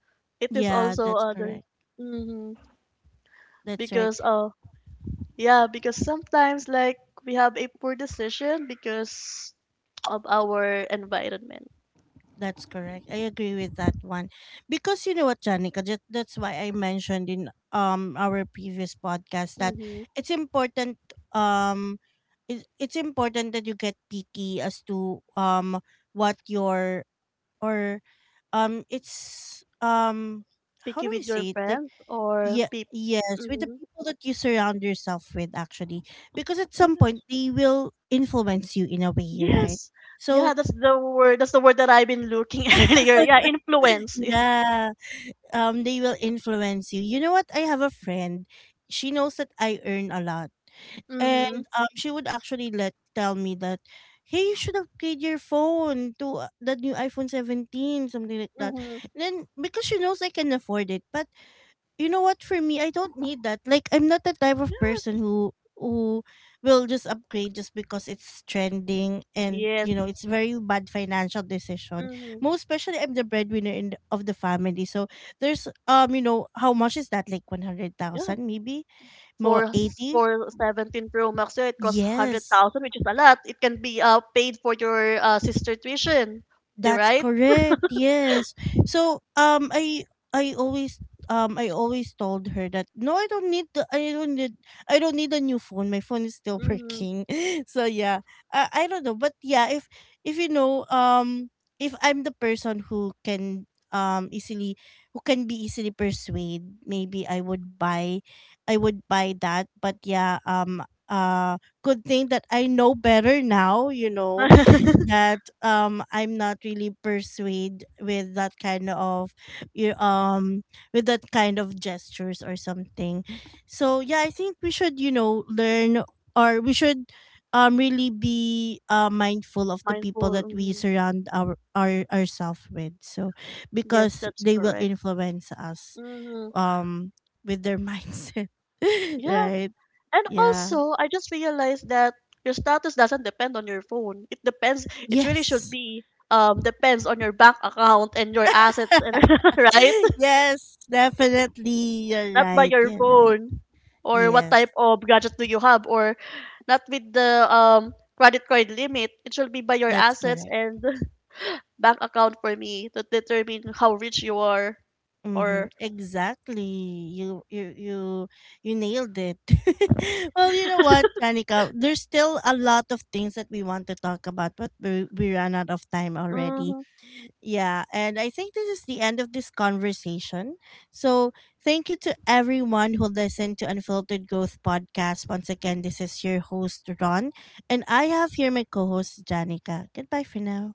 [SPEAKER 2] It is
[SPEAKER 1] Yeah,
[SPEAKER 2] also
[SPEAKER 1] that's
[SPEAKER 2] other.
[SPEAKER 1] correct.
[SPEAKER 2] Mm,
[SPEAKER 1] That's right.
[SPEAKER 2] because yeah, because sometimes, like, we have a poor decision because of our environment.
[SPEAKER 1] That's correct. I agree with that one. Because you know what, Janica, just, that's why I mentioned in our previous podcast that
[SPEAKER 2] Mm-hmm.
[SPEAKER 1] it's important, um it's important that you get picky as to, what your, or it's, how
[SPEAKER 2] Picky
[SPEAKER 1] do I
[SPEAKER 2] with your
[SPEAKER 1] say it? Like,
[SPEAKER 2] friends or
[SPEAKER 1] yeah,
[SPEAKER 2] people.
[SPEAKER 1] yes, with the
[SPEAKER 2] Mm-hmm.
[SPEAKER 1] people that you surround yourself with, actually. Because at
[SPEAKER 2] Yeah.
[SPEAKER 1] some point, they will influence you in a way, right?
[SPEAKER 2] Yes. Yeah,
[SPEAKER 1] So
[SPEAKER 2] that's the word. That's the word that I've been looking earlier. Yeah, influence.
[SPEAKER 1] yeah, they will influence you. You know what? I have a friend. She knows that I earn a lot.
[SPEAKER 2] Mm-hmm.
[SPEAKER 1] And she would actually let tell me that, hey, you should upgrade your phone to, the new iPhone 17, something like that.
[SPEAKER 2] Mhm.
[SPEAKER 1] Then because she knows I can afford it, but you know what, for me, I don't need that. Like, I'm not the type of person who will just upgrade just because it's trending, and
[SPEAKER 2] Yes.
[SPEAKER 1] it's very bad financial decision.
[SPEAKER 2] Mhm.
[SPEAKER 1] Most especially, I'm the breadwinner in of the family. So there's, you know how much is that, like
[SPEAKER 2] Yeah.
[SPEAKER 1] 100,000, maybe more,
[SPEAKER 2] For
[SPEAKER 1] 80.
[SPEAKER 2] for 17 Pro Max, yeah, it costs
[SPEAKER 1] Yes.
[SPEAKER 2] 100,000, which is a lot. It can be paid for your sister tuition. Di
[SPEAKER 1] That's
[SPEAKER 2] right?
[SPEAKER 1] correct. Yes. So I always I always told her that no, I don't need the, I don't need, I don't need a new phone. My phone is still
[SPEAKER 2] Mhm.
[SPEAKER 1] working. So yeah. I don't know, but yeah, if you know if I'm the person who can, easily, who can be easily persuade, maybe I would buy that. But yeah, good thing that I know better now, you know that I'm not really persuaded with you um that kind of gestures or something. So yeah, I think we should learn, or we should, really be, mindful of the people
[SPEAKER 2] Mindful.
[SPEAKER 1] that we
[SPEAKER 2] Hmm.
[SPEAKER 1] surround our ourselves with. So
[SPEAKER 2] Yes,
[SPEAKER 1] because
[SPEAKER 2] that's
[SPEAKER 1] they will
[SPEAKER 2] correct.
[SPEAKER 1] influence us,
[SPEAKER 2] Mhm.
[SPEAKER 1] um with their mindset.
[SPEAKER 2] Yeah.
[SPEAKER 1] Right?
[SPEAKER 2] And
[SPEAKER 1] Yeah.
[SPEAKER 2] also, I just realized that your status doesn't depend on your phone. It depends, it really should
[SPEAKER 1] Yes.
[SPEAKER 2] be depends on your bank account and your assets, and right?
[SPEAKER 1] Yes, definitely. You're
[SPEAKER 2] Not by
[SPEAKER 1] right.
[SPEAKER 2] your
[SPEAKER 1] You're right.
[SPEAKER 2] phone or what
[SPEAKER 1] Yes,
[SPEAKER 2] type of gadget do you have, or not with the credit card limit. It should be by your
[SPEAKER 1] that's
[SPEAKER 2] assets
[SPEAKER 1] correct.
[SPEAKER 2] and bank account for me to determine how rich you are,
[SPEAKER 1] Mm-hmm.
[SPEAKER 2] or
[SPEAKER 1] Exactly. You nailed it. Well, you know what, Janica? There's still a lot of things that we want to talk about, but we ran out of time already.
[SPEAKER 2] Mhm.
[SPEAKER 1] Yeah, and I think this is the end of this conversation. So, thank you to everyone who listened to Unfiltered Growth Podcast. Once again, this is your host, Ron, and I have here my co host, Janica. Goodbye for now.